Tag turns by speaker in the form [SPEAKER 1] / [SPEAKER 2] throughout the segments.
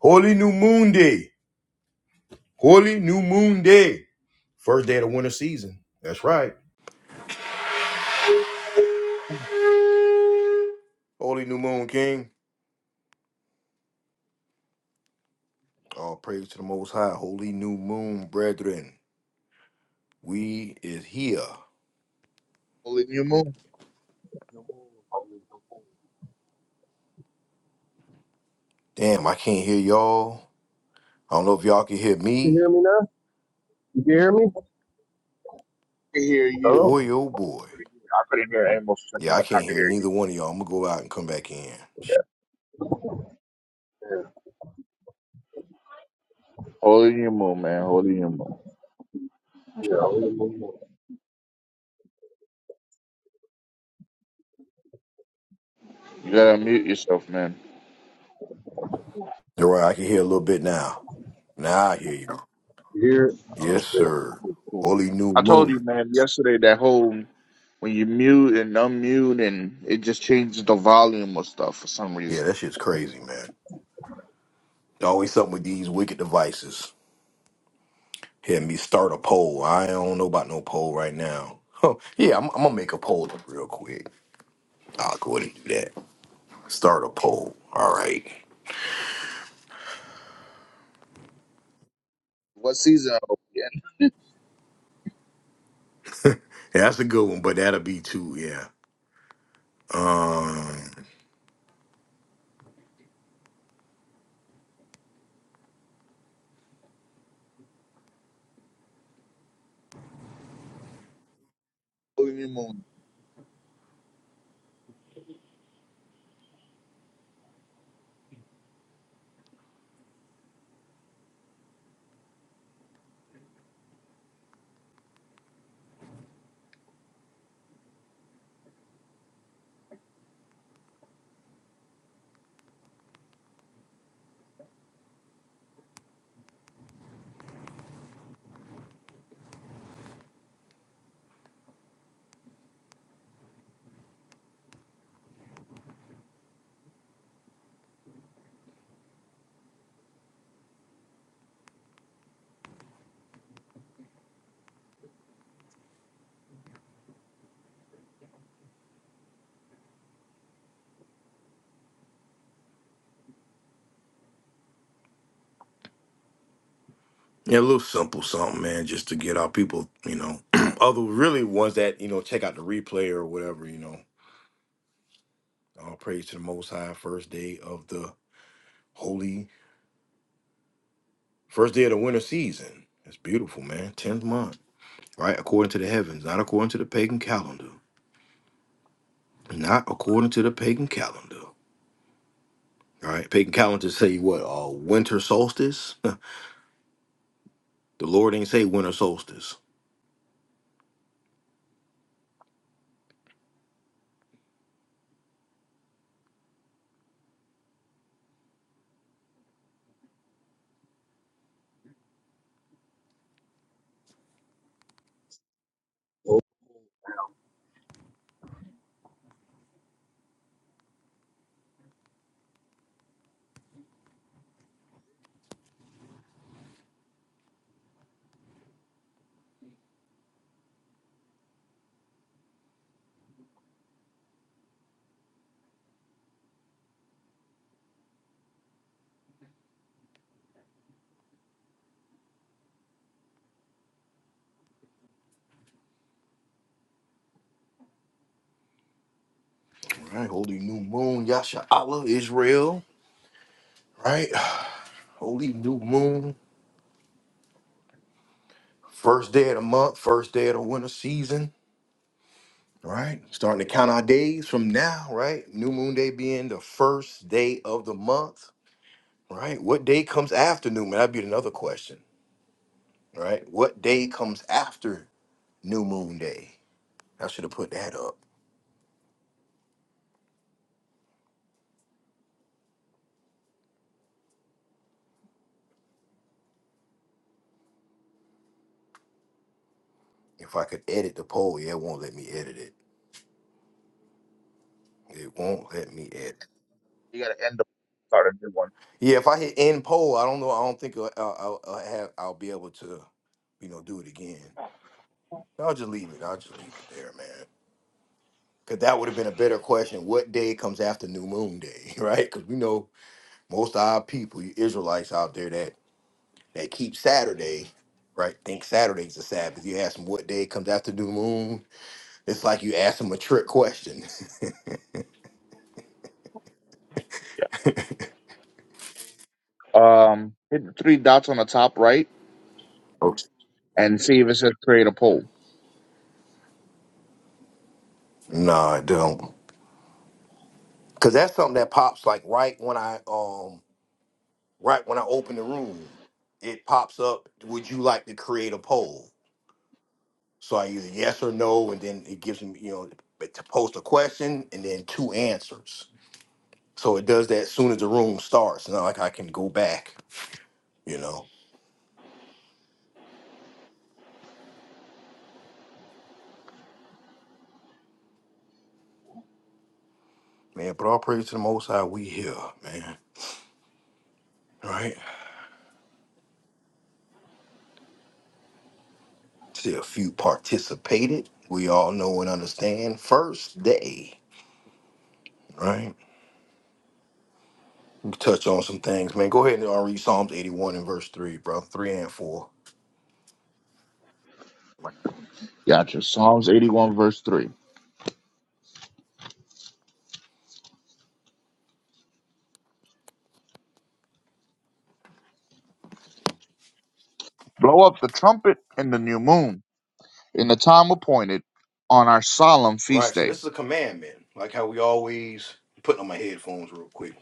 [SPEAKER 1] Holy New Moon Day. Holy New Moon Day. First day of the winter season. That's right. Holy New Moon King. All praise to the Most High. Holy New Moon, brethren. We is here.
[SPEAKER 2] Holy New Moon.
[SPEAKER 3] You
[SPEAKER 1] Damn, I can't hear y'all. I don't know if y'all can hear me.
[SPEAKER 3] hear me now? You can hear me?
[SPEAKER 2] I can hear you.
[SPEAKER 3] Hello?
[SPEAKER 1] Boy, oh boy.
[SPEAKER 2] I couldn't hear Amos for a
[SPEAKER 1] Yeah,
[SPEAKER 2] second,
[SPEAKER 1] I
[SPEAKER 2] but I
[SPEAKER 1] can't
[SPEAKER 2] can
[SPEAKER 1] hear
[SPEAKER 2] hear you.
[SPEAKER 1] neither one of y'all. I'm going to go out and come back in.
[SPEAKER 2] Yeah.
[SPEAKER 3] Yeah,
[SPEAKER 2] Holy New Moon, man. Holy New Moon.
[SPEAKER 3] yeah, I really don't
[SPEAKER 2] You gotta mute yourself, man.
[SPEAKER 1] All right, I can hear a little bit now. Now I hear you. all
[SPEAKER 3] You hear it?
[SPEAKER 1] Yes,
[SPEAKER 3] Okay.
[SPEAKER 1] sir.
[SPEAKER 2] Cool.
[SPEAKER 1] Holy New
[SPEAKER 2] I told you,
[SPEAKER 1] Moon.
[SPEAKER 2] man, yesterday that whole when you mute and unmute and it just changes the volume of stuff for some
[SPEAKER 1] Yeah,
[SPEAKER 2] reason.
[SPEAKER 1] that shit's crazy, man. Always something with these wicked devices. Hear me start a poll. I don't know about no poll right now. Oh, yeah, I'm, I'm gonna make a poll up real quick. I'll go ahead and do that. Start a poll. All right.
[SPEAKER 2] What season are we in?
[SPEAKER 1] Yeah, that's a good one, but that'll be too, yeah. Um
[SPEAKER 2] Holy New Moon.
[SPEAKER 1] yeah, a little simple something, man, just to get our people, you know, other really ones that, you know, check out the replay or whatever, you know. All praise to the most high first day of the holy first day of the winter season. It's beautiful, man. Tenth month. Right? According to the heavens, not according to the pagan calendar. Not according to the pagan calendar. All right. Pagan calendar say what? Uh, winter solstice. the Lord ain't say winter solstice.
[SPEAKER 3] Oh,
[SPEAKER 1] All right. Holy new moon. Yasha Allah. Israel. Right. Holy new moon. First day of the month. First day of the winter season. Right. Starting to count our days from now. Right. New moon day being the first day of the month. Right. What day comes after new moon? That'd be another question. Right. What day comes after new moon day? I should have put that up. If I could edit the poll, yeah, it won't let me edit it. It won't let me edit.
[SPEAKER 2] You gotta end the start a new one.
[SPEAKER 1] Yeah, if I hit end poll, I don't know. I don't think uh, I'll, I'll, I'll have. I'll be able to, you know, do it again. I'll just leave it. I'll just leave it there, man. Cause that would have been a better question. What day comes after New Moon Day, right? Cause we know most of our people, you Israelites out there that that keep Saturday, right? Think Saturday's the Sabbath. You ask them what day comes after New Moon, it's like you ask them a trick question.
[SPEAKER 2] Yeah. Um hit the three dots on the top right
[SPEAKER 1] Oops.
[SPEAKER 2] and see if it says create a poll.
[SPEAKER 1] Nah, I don't. Cause that's something that pops like right when I um right when I open the room, it pops up. Would you like to create a poll? So I either yes or no, and then it gives me you know to post a question and then two answers. So it does that as soon as the room starts. Not like I can go back, you know. Man, but all praise to the Most High. We here, man. Right? See a few participated. We all know and understand. First day, right? touch on some things, man. Go ahead and uh, read Psalms 81 and verse 3, bro. 3 and 4.
[SPEAKER 2] Gotcha. Psalms eighty one verse three. Blow up the trumpet in the new moon in the time appointed on our solemn
[SPEAKER 1] Right,
[SPEAKER 2] feast
[SPEAKER 1] so
[SPEAKER 2] day.
[SPEAKER 1] this is a commandment, like how we always put on my headphones real quick.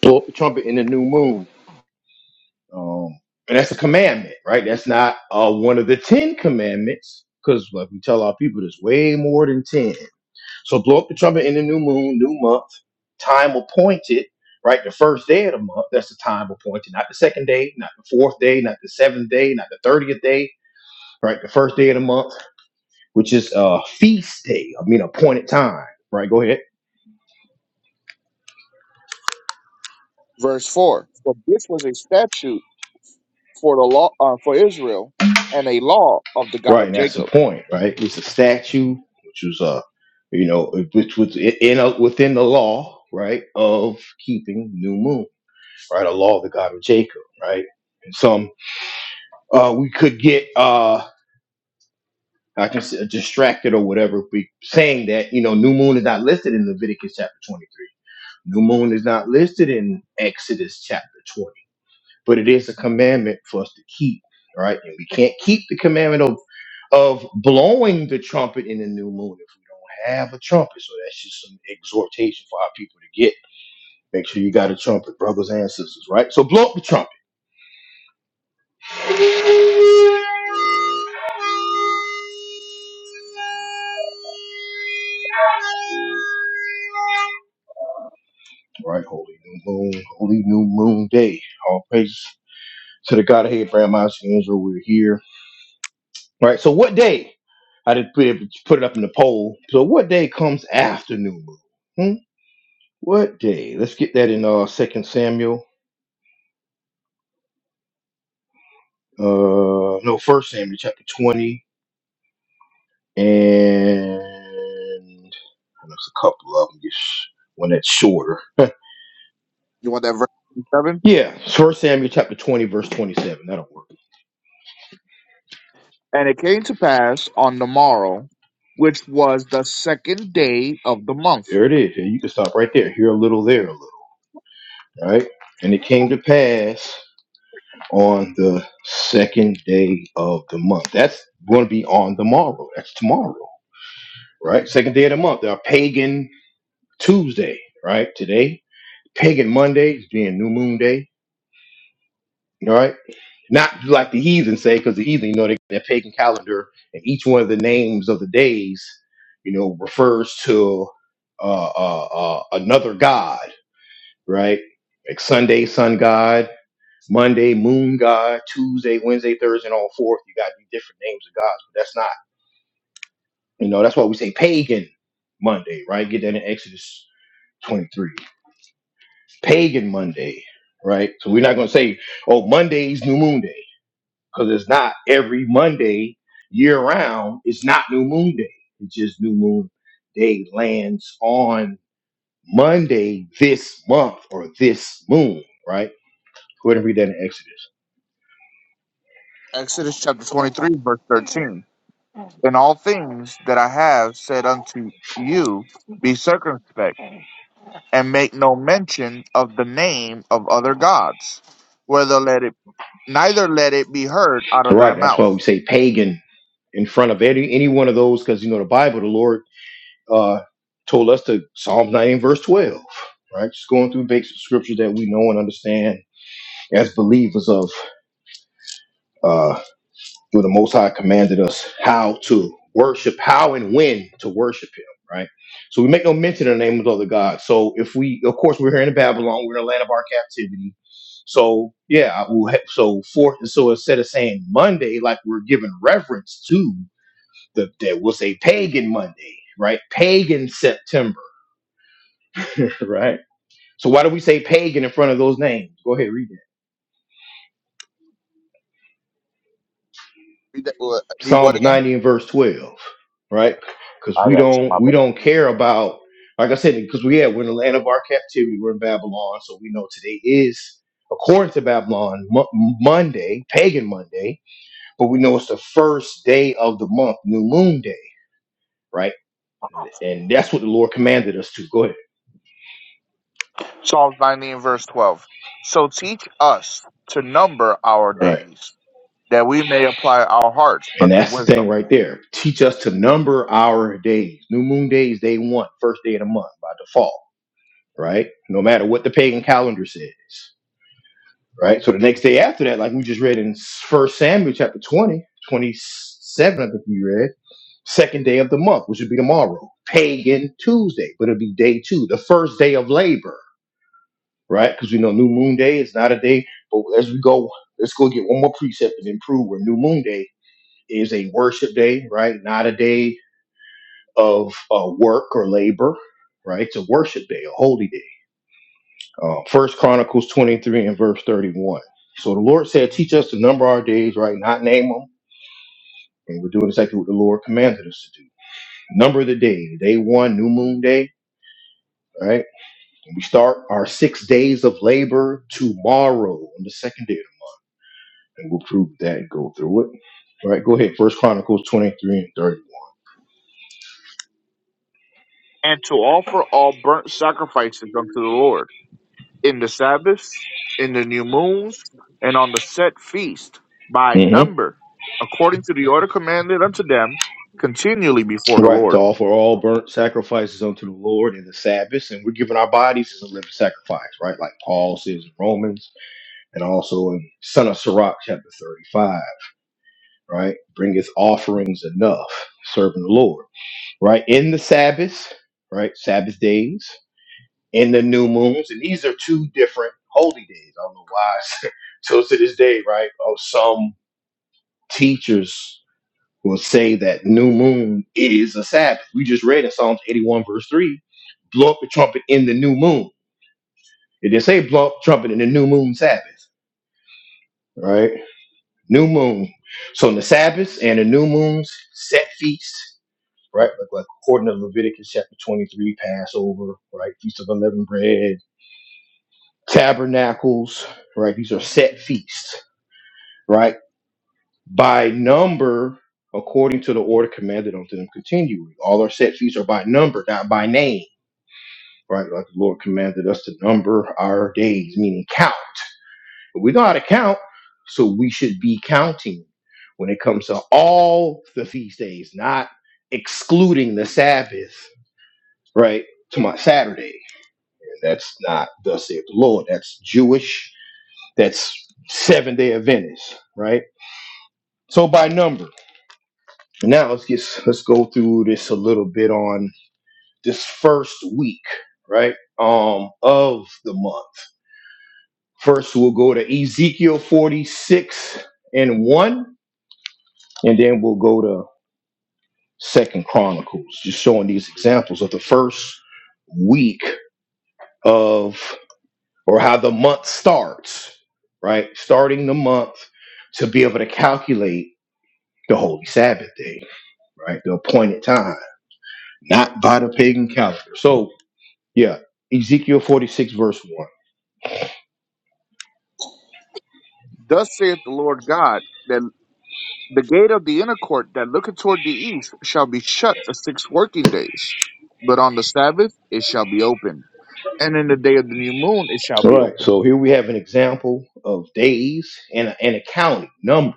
[SPEAKER 1] blow up the trumpet in the new moon. Um, and that's a commandment, right? That's not uh, one of the Ten Commandments, because like we tell our people, there's way more than ten. So blow up the trumpet in the new moon, new month, time appointed, right? The first day of the month, that's the time appointed, not the second day, not the fourth day, not the seventh day, not the thirtieth day. right? The first day of the month, which is a uh, feast day, I mean appointed time, right? Go ahead.
[SPEAKER 2] Verse 4 For this was a statute for the law uh, for Israel and a law of the God
[SPEAKER 1] Right,
[SPEAKER 2] of
[SPEAKER 1] and that's the
[SPEAKER 2] Jacob.
[SPEAKER 1] point, right? It's a statue, which was uh, you know, which was in a, within the law, right, of keeping new moon, right? A law of the God of Jacob, right? And some uh we could get uh I can say distracted or whatever be saying that, you know, new moon is not listed in Leviticus chapter twenty three. New moon is not listed in Exodus chapter 20 but it is a commandment for us to keep, right? And we can't keep the commandment of of blowing the trumpet in the new moon if we don't have a trumpet. So that's just some exhortation for our people to get. Make sure you got a trumpet, brothers and sisters, right? So blow up the trumpet, right? Holy new moon, holy new moon day. All praise to the God of Abraham, Isaac, and Israel. We're here, right? So what day? I did put it, put it up in the poll. So what day comes after new moon? Hmm? What day? Let's get that in uh Second Samuel. uh no first Samuel chapter 20 and, there's a couple of them just one that's shorter
[SPEAKER 2] You want that verse 7?
[SPEAKER 1] yeah first Samuel chapter 20 verse 27 that'll work
[SPEAKER 2] And it came to pass on the morrow, which was the second day of the month.
[SPEAKER 1] there it is you can stop right there here a little there a little All right and it came to pass on the second day of the month that's going to be on the morrow that's tomorrow right second day of the month our pagan Tuesday right today pagan Monday is being new moon day All right. Not like the heathen say, because the heathen, you know, they got their pagan calendar, and each one of the names of the days, you know, refers to uh, uh, uh, another god, right? Like Sunday, sun god. Monday, moon god. Tuesday, Wednesday, Thursday, and all fourth. You got these different names of gods, but that's not, you know, that's why we say pagan Monday, right? Get that in Exodus 23. Pagan Monday, right? So we're not going to say, oh, Monday's new moon day because it's not every Monday year round. It's not new moon day. It's just new moon day lands on Monday this month or this moon, right? Go ahead and read that in Exodus.
[SPEAKER 2] Exodus chapter 23, verse 13. In all things that I have said unto you, be circumspect, and make no mention of the name of other gods, Whether let it. neither let it be heard out
[SPEAKER 1] All
[SPEAKER 2] of thy
[SPEAKER 1] Right. That's
[SPEAKER 2] mouth.
[SPEAKER 1] why we say pagan in front of any any one of those because you know the Bible, the Lord uh told us to Psalm nineteen verse 12. Right, just going through basic scriptures that we know and understand as believers of. uh where the Most High commanded us how to worship, how and when to worship Him, right? So we make no mention of the name of the other gods. So if we, of course, we're here in Babylon, we're in the land of our captivity. So yeah, I will ha- so for so instead of saying Monday, like we're giving reverence to the that we'll say pagan Monday, right? Pagan September, right? So why do we say pagan in front of those names? Go ahead, read
[SPEAKER 2] Read, that, uh, read what
[SPEAKER 1] Psalms
[SPEAKER 2] again?
[SPEAKER 1] 90 and verse 12, right? Because
[SPEAKER 2] I
[SPEAKER 1] we
[SPEAKER 2] got you,
[SPEAKER 1] don't
[SPEAKER 2] my
[SPEAKER 1] we
[SPEAKER 2] bad.
[SPEAKER 1] don't care about like I said because we yeah, we're in the land of our captivity. We're in Babylon, so we know today is according to Babylon Mo- Monday, pagan Monday, but we know it's the first day of the month, new moon day, right? And that's what the Lord commanded us to. Go ahead,
[SPEAKER 2] Psalms 90 and verse 12. So teach us to number our
[SPEAKER 1] right?
[SPEAKER 2] days, that we may apply our hearts
[SPEAKER 1] And
[SPEAKER 2] unto
[SPEAKER 1] that's the thing
[SPEAKER 2] wisdom,
[SPEAKER 1] right there. Teach us to number our days. New moon day is day one, first day of the month by default, right? No matter what the pagan calendar says right? So the next day after that, like we just read in First Samuel chapter 20, 27, I think you read, second day of the month, which would be tomorrow, pagan Tuesday, but it'll be day two, the first day of labor, right? Because we know New Moon Day is not a day, but as we go, let's go get one more precept and then prove where New Moon Day is a worship day, right? Not a day of uh, work or labor, right? It's a worship day, a holy day Uh, First Chronicles 23 and verse 31. So the Lord said, Teach us to number our days, right? Not name them. And we're doing exactly what the Lord commanded us to do. Number the day, day one, new moon day, right? And we start our six days of labor tomorrow on the second day. And we'll prove that and go through it. All right, go ahead. First Chronicles 23 and 31.
[SPEAKER 2] and to offer all burnt sacrifices unto the Lord in the Sabbaths, in the new moons, and on the set feast by
[SPEAKER 1] Mm-hmm.
[SPEAKER 2] number, according to the order commanded unto them continually before the
[SPEAKER 1] Right, to
[SPEAKER 2] Lord.
[SPEAKER 1] offer all burnt sacrifices unto the Lord in the Sabbath, and we're giving our bodies as a living sacrifice, right? Like Paul says in Romans and also in Son of Sirach chapter 35, right? Bring his offerings enough, serving the Lord, right? In the Sabbaths, right? Sabbath days, in the new moons, and these are two different holy days. I don't know why. it's- so to this day, right? Oh, some teachers will say that new moon is a Sabbath. We just read in Psalms 81, verse 3, blow up the trumpet in the new moon. It didn't say blow up the trumpet in the new moon Sabbath, right? New moon. So on the Sabbaths and the new moons, set feasts, right? Like, like according to Leviticus chapter 23, Passover, right? Feast of unleavened bread, tabernacles, right? These are set feasts, right? By number, according to the order commanded unto them continually. All our set feasts are by number, not by name, right? Like the Lord commanded us to number our days, meaning count. We know how to count, so we should be counting when it comes to all the feast days, not excluding the Sabbath, right? To my Saturday. And that's not thus saith the Lord. That's Jewish. That's seven day Adventist, right? So by number. Now let's get let's go through this a little bit on this first week, right? Um of the month. First we'll go to Ezekiel 46 and 1, and then we'll go to Second Chronicles, just showing these examples of the first week of or how the month starts, right? Starting the month to be able to calculate the holy Sabbath day, right? The appointed time, not by the pagan calendar. So yeah, Ezekiel 46 verse 1.
[SPEAKER 2] Thus saith the Lord God. that The gate of the inner court that looketh toward the east shall be shut the six working days, but on the Sabbath it shall be opened, and in the day of the new moon it shall
[SPEAKER 1] All
[SPEAKER 2] be
[SPEAKER 1] right.
[SPEAKER 2] opened.
[SPEAKER 1] So here we have an example of days and, and accounting numbers.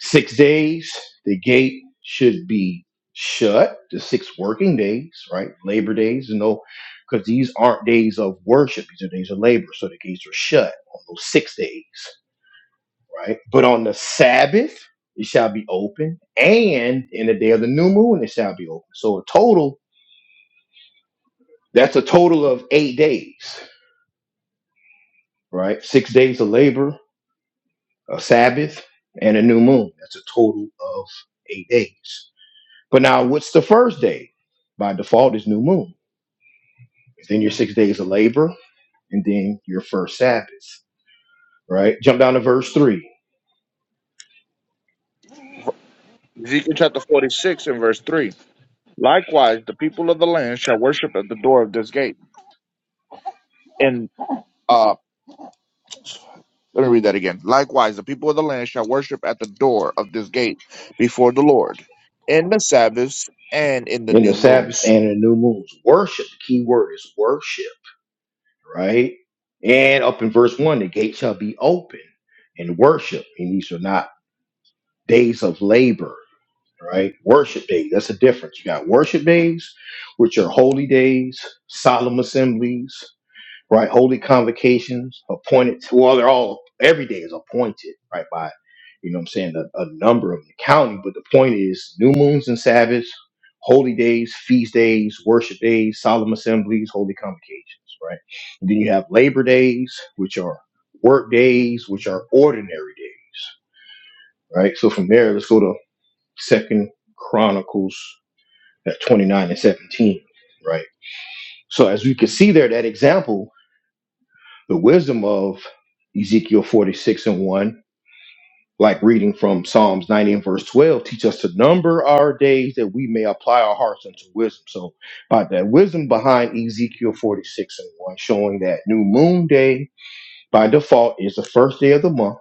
[SPEAKER 1] Six days, the gate should be shut. The six working days, right? Labor days, no, because these aren't days of worship. These are days of labor. So the gates are shut on those six days, right? But on the Sabbath, it shall be open, and in the day of the new moon, it shall be open. So a total, that's a total of eight days, right? Six days of labor, a Sabbath, and a new moon. That's a total of eight days. But now, what's the first day? By default, is new moon. Then your six days of labor, and then your first Sabbath, right? Jump down to verse three.
[SPEAKER 2] Ezekiel chapter 46 and verse 3. Likewise, the people of the land shall worship at the door of this gate. And uh, let me read that again. Likewise, the people of the land shall worship at the door of this gate before the Lord in the Sabbaths and in the
[SPEAKER 1] In the
[SPEAKER 2] new
[SPEAKER 1] Sabbaths
[SPEAKER 2] moons.
[SPEAKER 1] and in the new moons, worship. The key word is worship, right? And up in verse one, the gate shall be open and worship. And these are not days of labor right? Worship days, that's a difference. You got worship days, which are holy days, solemn assemblies, right? Holy convocations, appointed, well, they're all, every day is appointed, right? By, you know what I'm saying, a, a number of the county. But the point is, new moons and Sabbaths, holy days, feast days, worship days, solemn assemblies, holy convocations, right? And then you have labor days, which are work days, which are ordinary days, right? So from there, let's go to Second Chronicles at 29 and 17, right? So as we can see there, that example, the wisdom of Ezekiel 46 and 1, like reading from Psalms 90 and verse 12, teach us to number our days that we may apply our hearts unto wisdom. So by that wisdom behind Ezekiel 46 and 1, showing that new moon day by default is the first day of the month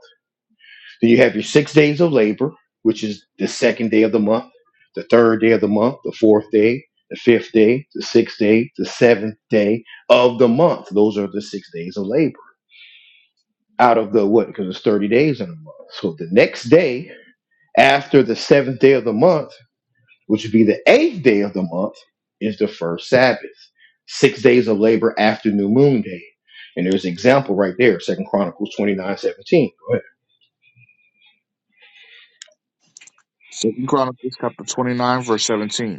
[SPEAKER 1] Then you have your six days of labor, which is the second day of the month, the third day of the month, the fourth day, the fifth day, the sixth day, the seventh day of the month. Those are the six days of labor out of the what? Because it's 30 days in a month. So the next day after the seventh day of the month, which would be the eighth day of the month, is the first Sabbath. Six days of labor after New Moon Day. And there's an example right there, Second Chronicles 29:17.
[SPEAKER 2] Second Chronicles chapter 29, verse 17.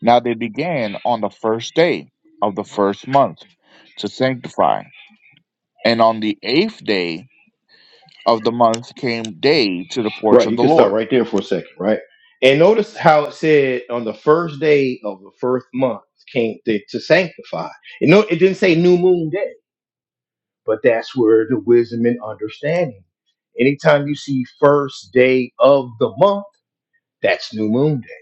[SPEAKER 2] Now they began on the first day of the first month to sanctify. And on the eighth day of the month came day to the porch
[SPEAKER 1] Right,
[SPEAKER 2] of
[SPEAKER 1] you
[SPEAKER 2] the
[SPEAKER 1] can stop
[SPEAKER 2] Lord.
[SPEAKER 1] right there for a second, right? And notice how it said on the first day of the first month came to, to sanctify. You know, it didn't say new moon day, but that's where the wisdom and understanding. Anytime you see first day of the month, that's new moon day,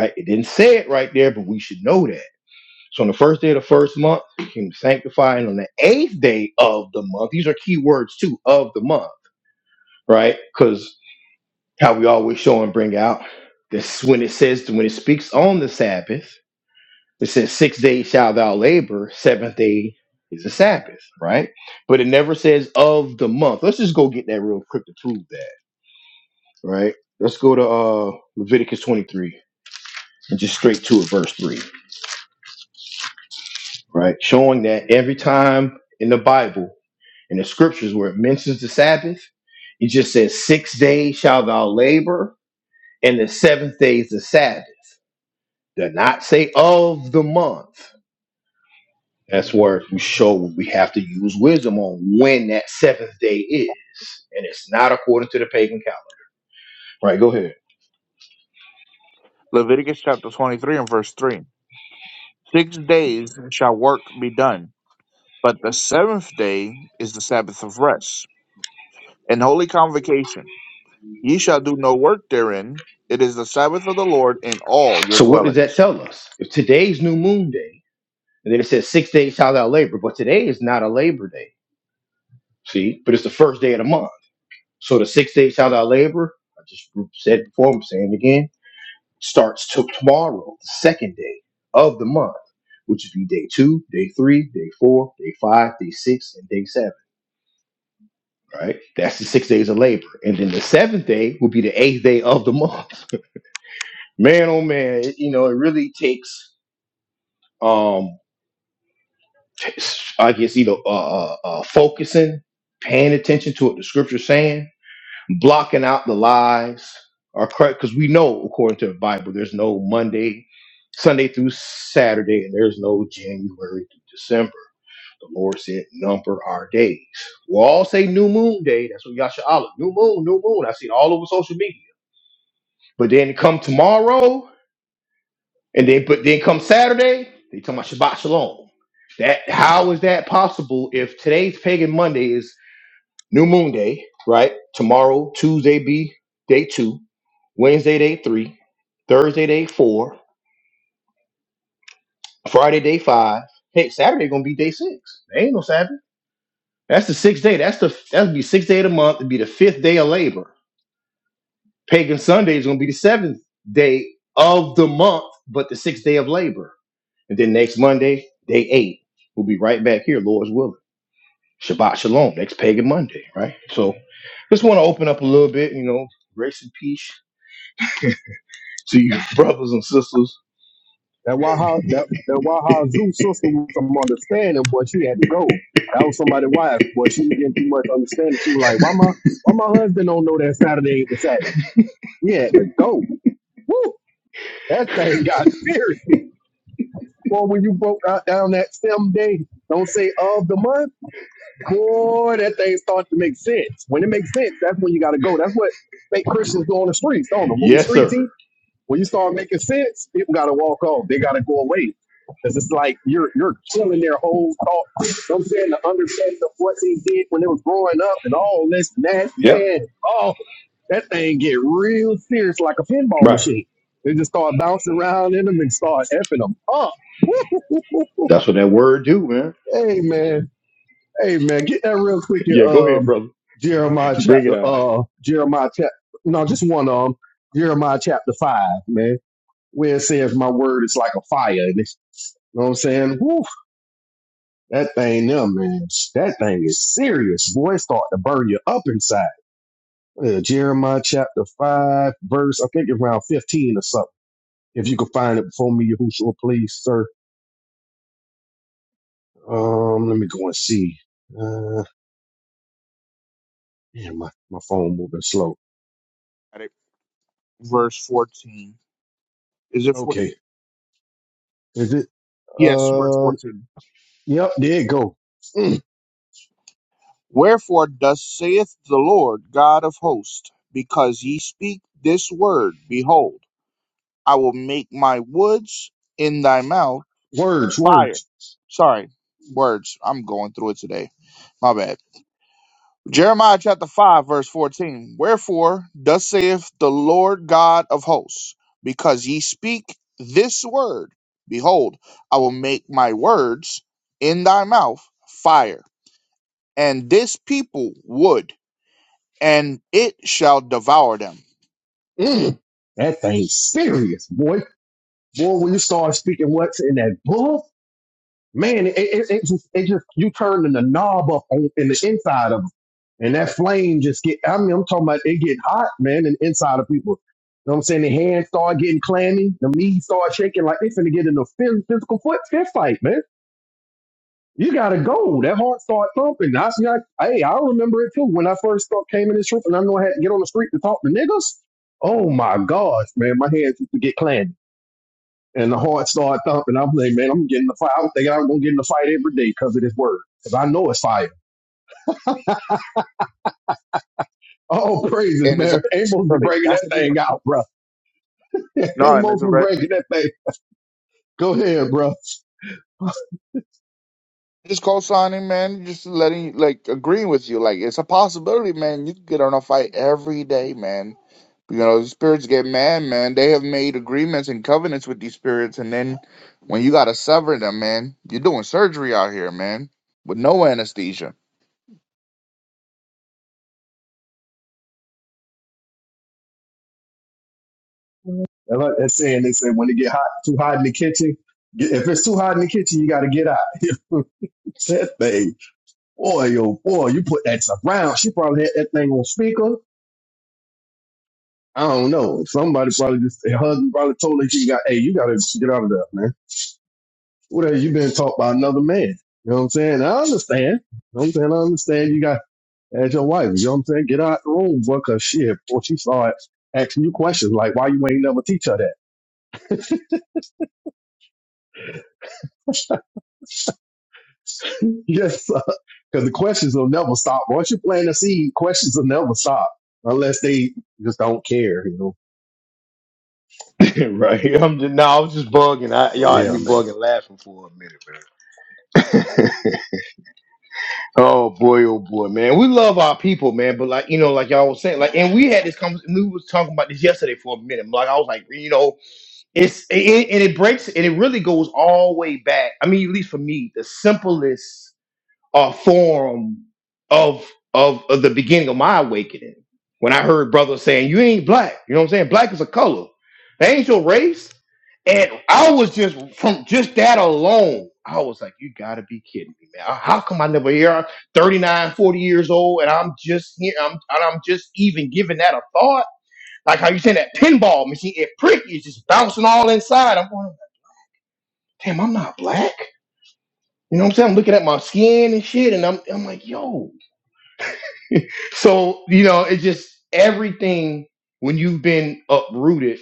[SPEAKER 1] right? It didn't say it right there, but we should know that. So on the first day of the first month, it came to sanctify, and on the eighth day of the month, these are key words too, of the month, right? Because how we always show and bring out. This when it says when it speaks on the Sabbath, it says six days shall thou labor, seventh day is the Sabbath, right? But it never says of the month. Let's just go get that real quick to prove that, right? Let's go to uh Leviticus 23 and just straight to it, verse 3, right? Showing that every time in the Bible, in the scriptures where it mentions the Sabbath, it just says six days shall thou labor, and the seventh day is the Sabbath Did not say of the month. That's where you show we have to use wisdom on when that seventh day is. And it's not according to the pagan calendar. Right, go ahead.
[SPEAKER 2] Leviticus chapter 23 and verse 3. Six days shall work be done, but the seventh day is the Sabbath of rest and holy convocation. Ye shall do no work therein. It is the Sabbath of the Lord in all your
[SPEAKER 1] So what does that
[SPEAKER 2] dwellings.
[SPEAKER 1] tell us? If today's new moon day, and then it says six days shall thou labor, but today is not a labor day. See? But it's the first day of the month. So the six days shall thou labor, I just said before, I'm saying it again, starts to tomorrow, the second day of the month, which would be day two, day three, day four, day five, day six, and day seven. right? That's the six days of labor. And then the seventh day will be the eighth day of the month. Man, oh man, it- you know, it really takes, um, t- I guess, you know, uh, uh, uh, focusing, paying attention to what the scripture's saying, blocking out the lies, or correct, because we know, according to the Bible, there's no Monday, Sunday through Saturday, and there's no January through December. The Lord said, number our days. We'll all say new moon day. That's what Yasha Allah. new moon, new moon. I see it all over social media But then come tomorrow, and then but then come Saturday, they talking about Shabbat Shalom. That how is that possible if today's pagan Monday is New Moon Day, right? Tomorrow, Tuesday be day two, Wednesday day three, Thursday day four, Friday day five. Hey, Saturday gonna be day six. There ain't no Saturday. That's the sixth day. That's the that'll be sixth day of the month. It'd be the fifth day of labor. Pagan Sunday is gonna be the seventh day of the month, but the sixth day of labor And then next Monday, day eight, we'll be right back here, Lord's willing. Shabbat Shalom, next Pagan Monday, right? So just want to open up a little bit, you know, grace and peace to you brothers and sisters.
[SPEAKER 3] That Waha that that Waha Zoo sister was some understanding, boy, she had to go. That was somebody's wife, but she was getting too much understanding. She was like, Why my why my husband don't know that Saturday ain't the Saturday? He had to go. Woo! That thing got serious. Boy, when you broke out down that same day, don't say of the month. boy, that thing starts to make sense. When it makes sense, that's when you got to go. That's what make Christians go on the streets, don't they? When we
[SPEAKER 1] Yes,
[SPEAKER 3] street
[SPEAKER 1] sir.
[SPEAKER 3] team, when you start making sense, people got to walk off. They got to go away. Because it's like you're you're killing their whole thought. You know what I'm saying the understanding of what they did when they was growing up and all this and that,
[SPEAKER 1] Yep,
[SPEAKER 3] man. Oh, that thing get real serious like a pinball
[SPEAKER 1] right.
[SPEAKER 3] machine. They just start bouncing around in them and start effing them up.
[SPEAKER 1] That's what that word do, man.
[SPEAKER 3] hey man. Hey man, get that real quick in
[SPEAKER 1] Yeah, go ahead,
[SPEAKER 3] um
[SPEAKER 1] brother.
[SPEAKER 3] Jeremiah
[SPEAKER 1] Bring it
[SPEAKER 3] chapter
[SPEAKER 1] out.
[SPEAKER 3] uh Jeremiah chapter no just one um Jeremiah chapter five, man, where it says my word is like a fire and it's you know what I'm saying? Woo, that thing there, man. That thing is serious, boy. It start to burn you up inside. Uh, Jeremiah chapter five, verse I think around fifteen or something. If you can find it before me, Yahushua, please, sir. Um, let me go and see. Uh, yeah, my, my phone moving slow.
[SPEAKER 2] Got it. Verse 14. Is it 14?
[SPEAKER 3] Okay, is it?
[SPEAKER 2] Yes, verse
[SPEAKER 3] Uh,
[SPEAKER 2] 14
[SPEAKER 3] yep, there it go. Mm,
[SPEAKER 2] Wherefore thus saith the Lord God of hosts, because ye speak this word, behold, I will make my words in thy mouth
[SPEAKER 3] words,
[SPEAKER 2] fire.
[SPEAKER 3] words.
[SPEAKER 2] Sorry, words. I'm going through it today. My bad. Jeremiah chapter 5, verse 14. Wherefore thus saith the Lord God of hosts, because ye speak this word, behold, I will make my words in thy mouth fire, and this people wood. and it shall devour them.
[SPEAKER 3] Mm, that thing's serious, boy. Boy, when you start speaking what's in that book, man, it, it, it just, it just, you turning the knob up on, in the inside of them, and that flame just get. I mean, I'm talking about it get hot, man, and inside of people. You know what I'm saying? The hands start getting clammy, the knees start shaking like they finna get in a phys- physical foot fist fight, man. You gotta go. That heart started thumping. I see. I, hey, I remember it too. When I first start, came in this trip, and I know I had to get on the street to talk to niggas. Oh my gosh, man, my hands used to get clammy, and the heart started thumping. I'm like, man, I'm getting the fight. I was thinking I'm gonna get in the fight every day because of this word, because I know it's fire. Oh, praises,
[SPEAKER 2] And it's a
[SPEAKER 3] man. Amos was
[SPEAKER 2] really
[SPEAKER 3] breaking
[SPEAKER 2] that's
[SPEAKER 3] that
[SPEAKER 2] what they're gonna
[SPEAKER 3] thing
[SPEAKER 2] do.
[SPEAKER 3] out, bro.
[SPEAKER 2] No, and it's
[SPEAKER 3] Amos
[SPEAKER 2] a
[SPEAKER 3] was
[SPEAKER 2] right.
[SPEAKER 3] breaking that thing. Go ahead, bro. I
[SPEAKER 2] Just co-signing, man. Just letting, like, agreeing with you. Like, it's a possibility, man. You could get on a fight every day, man. You know, the spirits get mad, man. They have made agreements and covenants with these spirits, and then when you gotta sever them, man, you're doing surgery out here, man, with no anesthesia.
[SPEAKER 3] like that saying. They say when it get hot, too hot in the kitchen. get- If it's too hot in the kitchen, you got to get out. that thing. Boy, oh boy, you put that around. She probably had that thing on speaker. I don't know. Somebody probably just hugged and probably told her she got, hey, you gotta get out of there, man. What have you been taught by another man? You know what I'm saying? I understand. You know what I'm saying? I understand you got as your wife. You know what I'm saying? Get out the room, boy, cause shit, boy, she started asking you questions like why you ain't never teach her that. yes, because the questions will never stop. Once you plant a seed, questions will never stop unless they just don't care, you know.
[SPEAKER 1] right. I'm just, no, I was just bugging. I,
[SPEAKER 3] So
[SPEAKER 1] y'all had
[SPEAKER 3] yeah,
[SPEAKER 1] me
[SPEAKER 3] man.
[SPEAKER 1] bugging laughing for a minute, man. Oh boy, oh boy, man. We love our people, man. But like you know, like y'all was saying, like, and we had this conversation. We was talking about this yesterday for a minute. Like I was like, you know, it's it, and it breaks and it really goes all the way back. I mean, at least for me, the simplest a form of of, of the beginning of my awakening when I heard brothers saying, "You ain't black." You know what I'm saying? Black is a color. That ain't your race. And I was just from just that alone. I was like, you gotta be kidding me, man. How come I never hear I'm 39, forty years old and I'm just here, I'm and I'm just even giving that a thought? Like how you saying that pinball machine, it prick is just bouncing all inside. I'm going, damn, I'm not black. You know what I'm saying? I'm looking at my skin and shit, and I'm I'm like, yo. So, you know, it's just everything when you've been uprooted,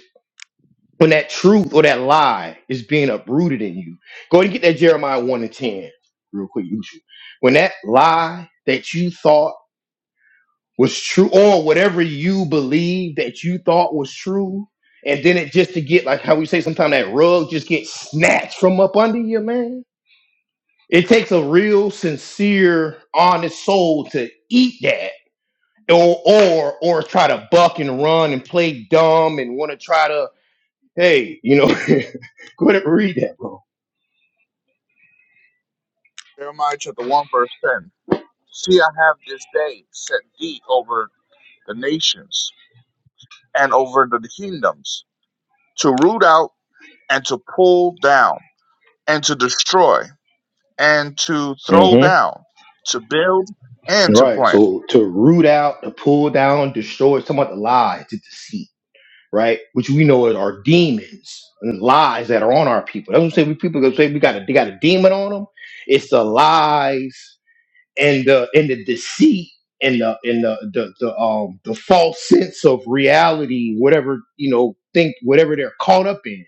[SPEAKER 1] when that truth or that lie is being uprooted in you. Go ahead and get that Jeremiah 1 and 10 real quick, Yushu. When that lie that you thought was true, or whatever you believe that you thought was true, and then it just to get like how we say sometimes that rug just gets snatched from up under you, man. It takes a real sincere, honest soul to eat that or or or try to buck and run and play dumb and want to try to hey you know go ahead and read that bro
[SPEAKER 2] Jeremiah chapter one verse ten. See, I have this day set thee over the nations and over the kingdoms to root out and to pull down and to destroy and to throw
[SPEAKER 1] hmm
[SPEAKER 2] down, to build and to
[SPEAKER 1] right
[SPEAKER 2] plant.
[SPEAKER 1] so to root out to pull down destroy it's talking about the lie to deceit right which we know is our demons and lies that are on our people that's what i'm saying we people gonna say we got a they got a demon on them it's the lies and the and the deceit and the and the the, the um the false sense of reality, whatever you know, think whatever they're caught up in.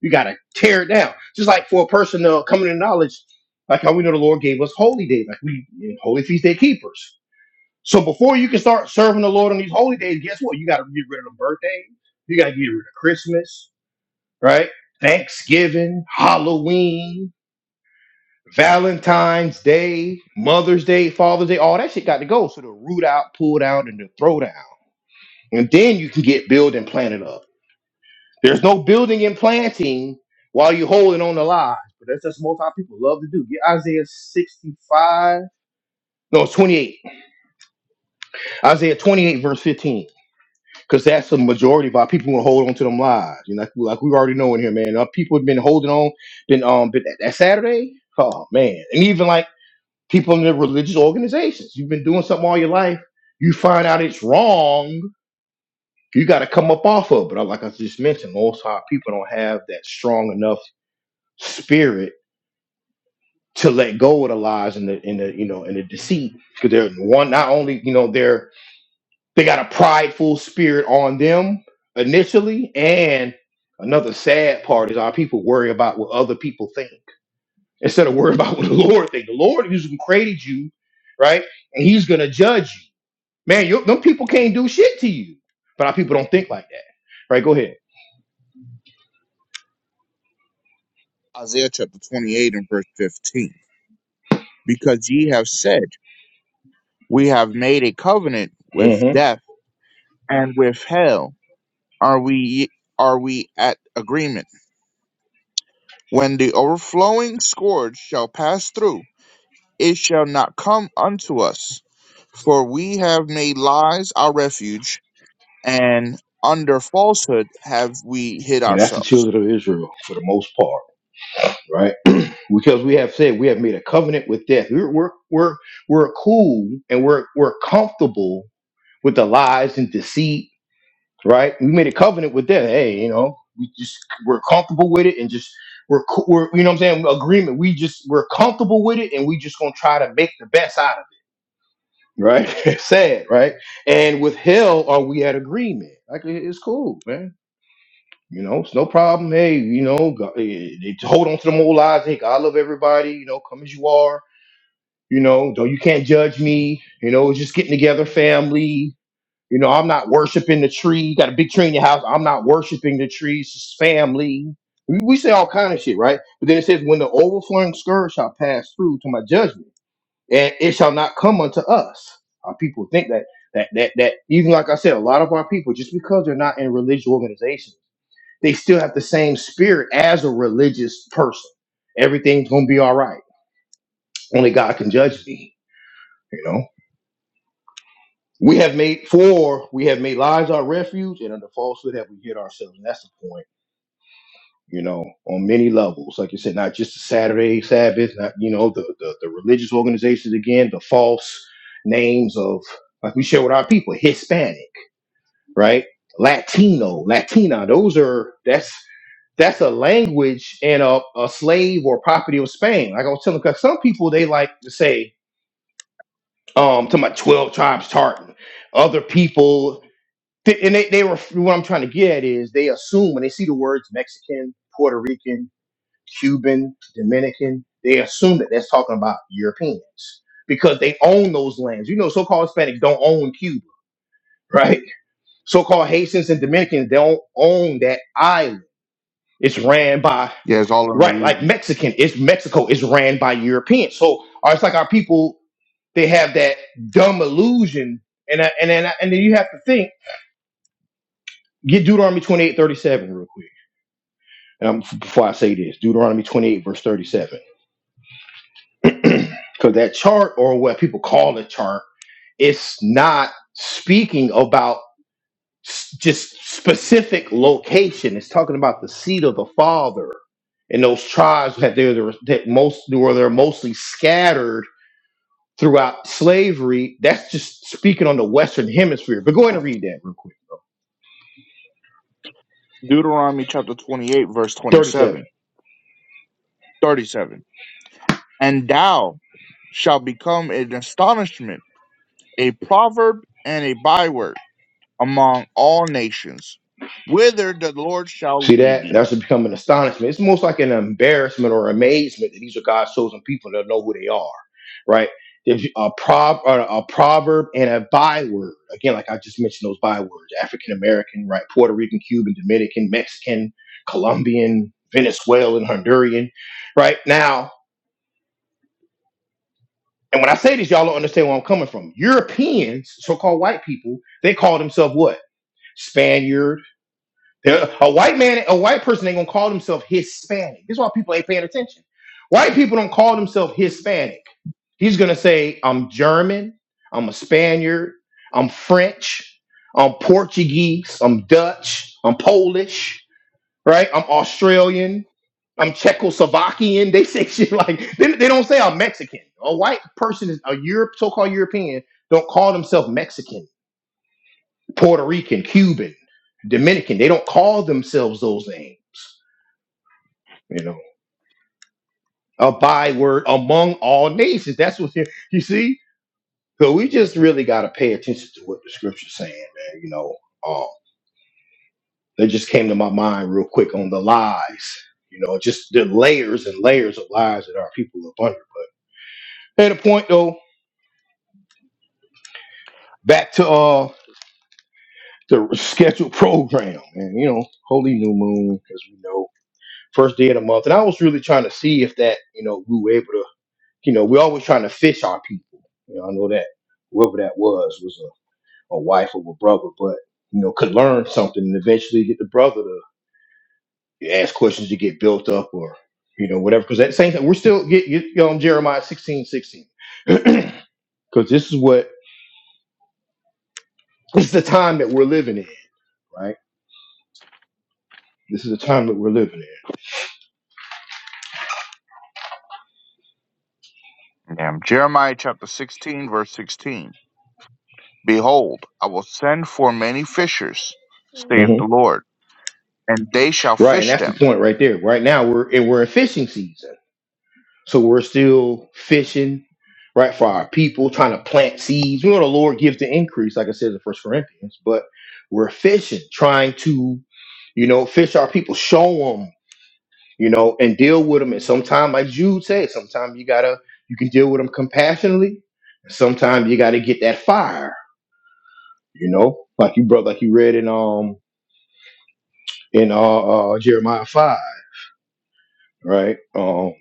[SPEAKER 1] You gotta tear it down. Just like for a person uh, coming to knowledge, like how we know the Lord gave us holy days, like we holy feast day keepers. So before you can start serving the Lord on these holy days, guess what? You gotta get rid of the birthday. You gotta get rid of Christmas, right? Thanksgiving, Halloween, Valentine's Day, Mother's Day, Father's Day, all that shit got to go. So the root out, pull down, and the throw down. And then you can get build and planted up. There's no building and planting while you're holding on to lies. But that's just most our people love to do. Get Isaiah 65. No, it's 28. Isaiah 28, verse 15. Because that's the majority of our people who hold on to them lies. You know, like, like we already know in here, man. Our people have been holding on, been um been that Saturday. Oh man. And even like people in the religious organizations. You've been doing something all your life. You find out it's wrong. You got to come up off of it. But like I just mentioned, most high people don't have that strong enough spirit to let go of the lies and the and the you know and the deceit because they're one not only you know they're they got a prideful spirit on them initially and another sad part is our people worry about what other people think instead of worry about what the lord think the lord who's created you right and he's gonna judge you Man, you, them people can't do shit to you. But our people don't think like that. Right, go ahead.
[SPEAKER 2] Isaiah chapter 28 and verse 15. Because ye have said, We have made a covenant with
[SPEAKER 1] hmm
[SPEAKER 2] death and with hell. Are we are we at agreement? When the overflowing scourge shall pass through, it shall not come unto us, for we have made lies our refuge, and under falsehood have we hid
[SPEAKER 1] And that's the
[SPEAKER 2] ourselves.
[SPEAKER 1] children of Israel for the most part, right? Because we have said we have made a covenant with death. We're we're we're, we're cool and we're we're comfortable with the lies and deceit, right? We made a covenant with death. Hey, you know, we just we're comfortable with it and just we're, co- we're you know what I'm saying agreement. We just we're comfortable with it and we just gonna try to make the best out. right? Sad, right? And with hell, are we at agreement? Like it- it's cool, man. You know, it's no problem. Hey, you know, go- eh, eh, they hold on to them old lies. Hey, God love everybody. You know, come as you are. You know, though you can't judge me. You know, it's just getting together, family. You know, I'm not worshiping the tree. You got a big tree in your house. I'm not worshiping the tree. It's just family. We we say all kind of shit, right? But then it says, when the overflowing scourge shall pass through to my judgment and it shall not come unto us. Our people think that that that that even like I said, a lot of our people, just because they're not in religious organizations, they still have the same spirit as a religious person. Everything's gonna be all right. Only God can judge thee. You know. We have made for we have made lies our refuge, and under falsehood have we hid ourselves. And that's the point you know, on many levels. Like you said, not just the Saturday Sabbath, not you know, the the, the religious organizations again, the false names of like we share with our people, Hispanic, right? Latino, Latina, those are that's that's a language and a, a slave or property of Spain. Like I was telling, because some people they like to say, um, to my twelve tribes tartan. Other people, th- and they they were what I'm trying to get at is they assume when they see the words Mexican, Puerto Rican, Cuban, Dominican, they assume that that's talking about Europeans because they own those lands. You know, so called Hispanics don't own Cuba, right? So called Haitians and Dominicans don't own that island. It's ran by,
[SPEAKER 2] Yeah, it's all an
[SPEAKER 1] right, like
[SPEAKER 2] illusion.
[SPEAKER 1] Mexican, it's Mexico, it's ran by Europeans. So or it's like our people, they have that dumb illusion. And, I, and, then, I- and then you have to think, get Deuteronomy twenty eight thirty seven real quick. Um, f- before I say this, Deuteronomy 28, verse 37. Because that chart, or what people call a chart, it's not speaking about s- just specific location. It's talking about the seat of the father and those tribes that they're the, that most or they're mostly scattered throughout slavery. That's just speaking on the Western Hemisphere. But go ahead and read that real quick, bro.
[SPEAKER 2] Deuteronomy chapter 28, verse
[SPEAKER 1] Thirty-seven.
[SPEAKER 2] 27, 37. And thou shalt become an astonishment, a proverb, and a byword among all nations, whither the Lord shall
[SPEAKER 1] See
[SPEAKER 2] lead
[SPEAKER 1] that?
[SPEAKER 2] thee.
[SPEAKER 1] That's to become an astonishment. It's most like an embarrassment or amazement that these are God's chosen people that know who they are, right? There's a prob or a proverb and a byword. Again, like I just mentioned those bywords: African American, right? Puerto Rican, Cuban, Dominican, Mexican, Colombian, Venezuelan, Honduran, right? Now, and when I say this, y'all don't understand where I'm coming from. Europeans, so-called white people, they call themselves what? Spaniard Yeah, A white man, a white person ain't gonna call themselves Hispanic. This is why people ain't paying attention. White people don't call themselves Hispanic. He's gonna say, I'm German, I'm a Spaniard, I'm French, I'm Portuguese, I'm Dutch, I'm Polish, right? I'm Australian, I'm Czechoslovakian. They say shit like they, they don't say I'm Mexican. A white person is a Europe, so-called European, don't call themselves Mexican. Puerto Rican, Cuban, Dominican. They don't call themselves those names, you know. A byword among all nations. That's what you, you see. So we just really got to pay attention to what the scripture's saying, man. You know, uh, that just came to my mind real quick on the lies. You know, just the layers and layers of lies that our people are under. But at a point though, back to uh the scheduled program, and you know, holy new moon, as we know. first day of the month. And I was really trying to see if that, you know, we were able to, you know, we're always trying to fish our people. You know, I know that whoever that was was a, a wife or a brother, but, you know, could learn something and eventually get the brother to ask questions to get built up or, you know, whatever. Because at the same time, we're still get, get you know, Jeremiah 16 16 Because this is what, this is the time that we're living in, right? This is the time that we're living
[SPEAKER 2] Yeah, Jeremiah chapter 16, verse 16. Behold, I will send for many fishers,
[SPEAKER 1] in.
[SPEAKER 2] saith
[SPEAKER 1] hmm
[SPEAKER 2] the Lord, and they shall
[SPEAKER 1] Right. And
[SPEAKER 2] fish
[SPEAKER 1] that's the
[SPEAKER 2] them.
[SPEAKER 1] point right there. Right now, we're, and we're in fishing season So we're still fishing, right, for our people, trying to plant seeds. We know the Lord gives the increase, like I said in First Corinthians, but we're fishing, trying to, you know, fish our people, show them, you know, and deal with them. And sometimes, like Jude said, sometimes you gotta, you can deal with them compassionately. and Sometimes you gotta get that fire, you know, like you brother, like you read in um in uh, uh Jeremiah five, right? Um,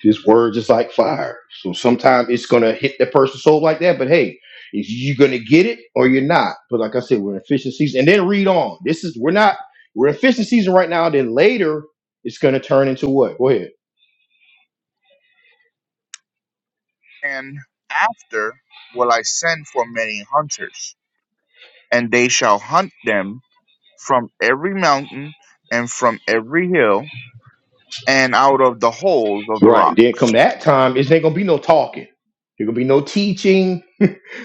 [SPEAKER 1] His words is like fire. So sometimes it's gonna hit the person's soul like that. But hey, is you gonna get it or you're not? But like I said, we're in fishing season. And then read on. This is we're not we're in fishing season right now. Then later it's gonna turn into what? Go ahead.
[SPEAKER 2] And after will I send for many hunters, and they shall hunt them from every mountain and from every hill and out of the holes of the
[SPEAKER 1] Right. Then come
[SPEAKER 2] rocks.
[SPEAKER 1] that time, it's ain't gonna be no talking. There gonna be no teaching.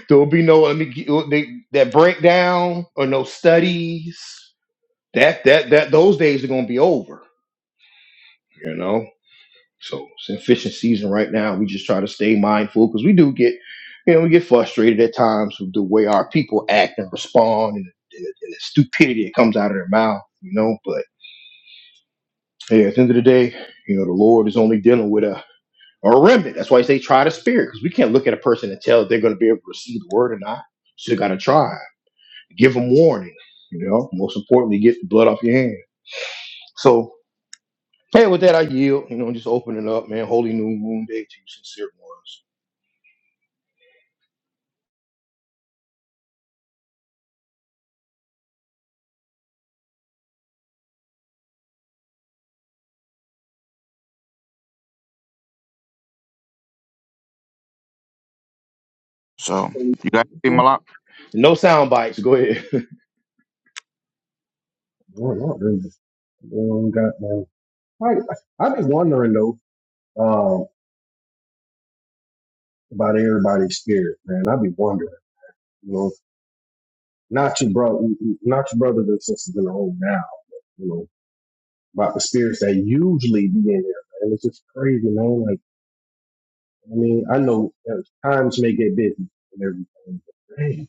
[SPEAKER 1] There will be no let me get, uh, they, that breakdown or no studies. That that that those days are gonna be over. You know. So it's in fishing season right now. We just try to stay mindful because we do get, you know, we get frustrated at times with the way our people act and respond and, and the stupidity that comes out of their mouth, you know. But yeah, at the end of the day, you know, the Lord is only dealing with a, a remnant. That's why they try the spirit because we can't look at a person and tell if they're going to be able to receive the word or not. So you got to try, give them warning, you know. Most importantly, get the blood off your hands. So, hey, with that, I yield, you know, just open it up, man. Holy New Moon Day to you, sincere ones.
[SPEAKER 2] So you guys see Malak?
[SPEAKER 1] No sound bites. Go ahead.
[SPEAKER 3] Well, not really. Well, got man. I I be wondering though um, about everybody's spirit, man. I be wondering, you know, not your brother, not your brothers and sisters in the room now, but, you know, about the spirits that usually be in there, man. It's just crazy, man. Like, I mean, I know uh, times may get busy and everything, but man,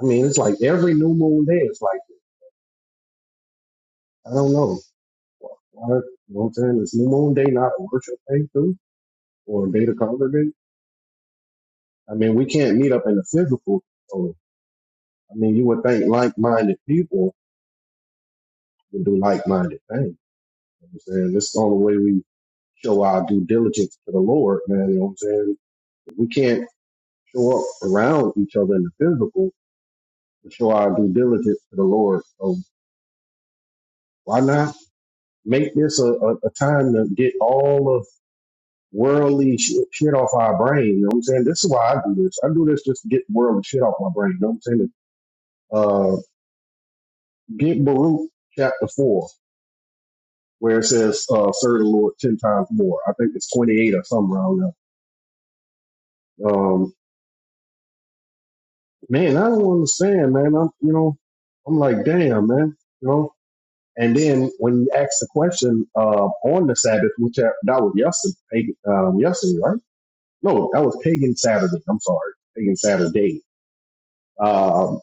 [SPEAKER 3] I mean, it's like every new moon day, it's like I don't know. Why, you know what I'm saying? It's new moon day not a worship day too, or a day to congregate? I mean, we can't meet up in the physical. So, I mean, you would think like-minded people would do like-minded things. You know what I'm saying this is the only way we show our due diligence to the Lord, man. You know what I'm saying? We can't show up around each other in the physical to show our due diligence to the Lord. So why not make this a, a, a time to get all of worldly shit, shit off our brain? You know what I'm saying? This is why I do this. I do this just to get worldly shit off my brain. You know what I'm saying? Uh, get Baruch chapter four. where it says uh, serve the Lord ten times more. I think it's twenty eight or something around there. Um, man, I don't understand, man. I'm you know, I'm like, damn, man, you know. And then when you ask the question uh, on the Sabbath, which that that was yesterday, um, yesterday, right? No, that was pagan Saturday. I'm sorry, pagan Saturday. Um,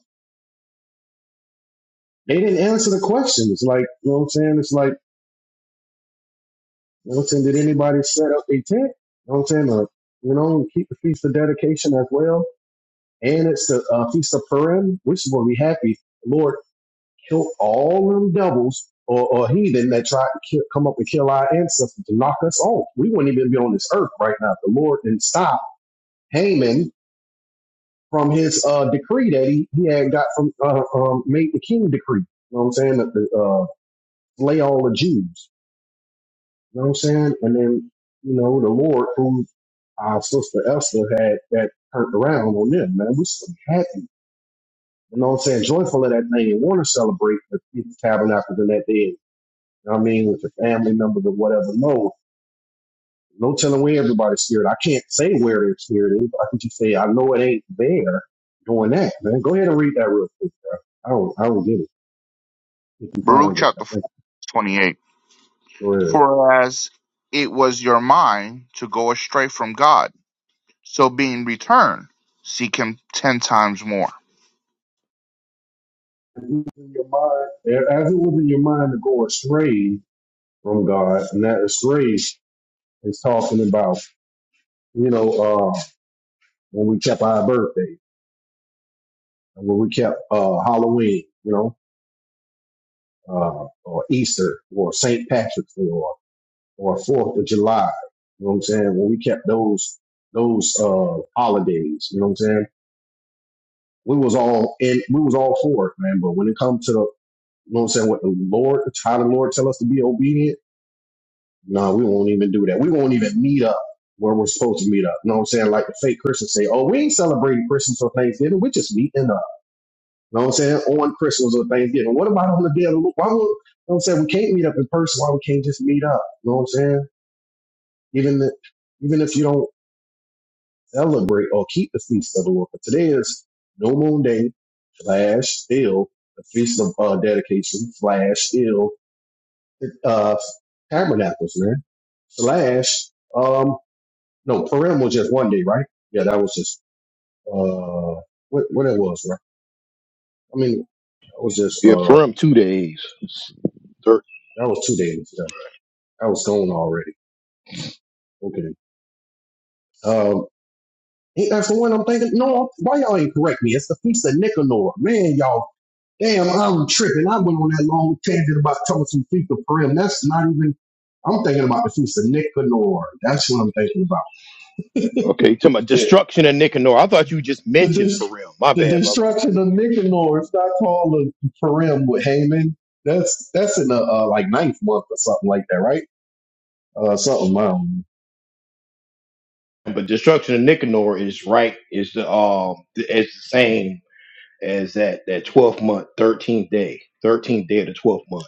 [SPEAKER 3] they didn't answer the questions. Like, you know what I'm saying? It's like, you know what I'm saying? Did anybody set up a tent? You know what I'm saying? Or, you know, keep the feast of dedication as well and it's a, uh feast of Purim, which is going to be happy. The Lord, kill all them devils or, or heathen that tried to kill, come up and kill our ancestors to knock us off. We wouldn't even be on this earth right now. The Lord didn't stop Haman from his uh, decree that he, he had got from uh, um, made the king decree. You know what I'm saying? That the, uh, slay all the Jews. You know what I'm saying? And then you know the Lord who our sister Esther had that turned around on them. Man, we are so happy You know what I'm saying? Joyful of that thing and want to celebrate the Feast of Tabernacles in that day. You know what I mean? With your family members or whatever. No, no telling where everybody's spirit. I can't say where their spirit is. But I can just say, I know it ain't there doing that, man. Go ahead and read that real quick, bro. I don't, I don't get it. If you
[SPEAKER 2] Baruch
[SPEAKER 3] found it, I
[SPEAKER 2] chapter
[SPEAKER 3] think
[SPEAKER 2] 4, 28.
[SPEAKER 3] go ahead.
[SPEAKER 2] For as it was your mind to go astray from God, so being returned, seek him ten times more.
[SPEAKER 3] It was in your mind, as it was in your mind to go astray from God, and that astray is talking about, you know, uh, when we kept our birthday, and when we kept uh, Halloween, you know, uh, or Easter or St. Patrick's Day or or Fourth of July. You know what I'm saying? When we kept those those uh, holidays, you know what I'm saying? We was all in. We was all for it, man. But when it comes to the, you know what I'm saying, what the Lord, how the Lord tell us to be obedient, no, we won't even do that. We won't even meet up where we're supposed to meet up. You know what I'm saying? Like the fake Christians say, oh, we ain't celebrating Christmas or Thanksgiving. We're just meeting up. You know what I'm saying? On Christmas or Thanksgiving. What about on the day of the Lord? Why would, you know what I'm saying? We can't meet up in person. Why we can't just meet up? You know what I'm saying? Even if, even if you don't celebrate or keep the feast of the Lord. But today is no moon day slash still the feast of uh, dedication slash still uh, tabernacles, man. Slash, um, no, Purim was just one day, right? Yeah, that was just, uh, what, what it was, right? I mean, that was just,
[SPEAKER 1] Yeah,
[SPEAKER 3] uh,
[SPEAKER 1] from two days. Third.
[SPEAKER 3] that was two days. yeah. I was gone already. Okay. Um, ain't that the one I'm thinking? No, why y'all ain't correct me? It's the Feast of Nicanor. Man, y'all, damn, I'm tripping. I went on that long tangent about talking some Feast of Purim. That's not even, I'm thinking about the Feast of Nicanor. That's what I'm thinking about.
[SPEAKER 1] Okay. you Talking about
[SPEAKER 3] Shit.
[SPEAKER 1] destruction of Nicanor. I thought you just
[SPEAKER 3] The,
[SPEAKER 1] mentioned
[SPEAKER 3] dis-
[SPEAKER 1] Pharrell. My
[SPEAKER 3] the
[SPEAKER 1] bad, brother.
[SPEAKER 3] destruction of Nicanor is not called a Purim with Haman. That's that's in the uh, like ninth month or something like that, right? Uh, something mild.
[SPEAKER 1] But destruction of Nicanor is right. Is the um it's the same as that that twelfth month, thirteenth day, thirteenth day of the twelfth month.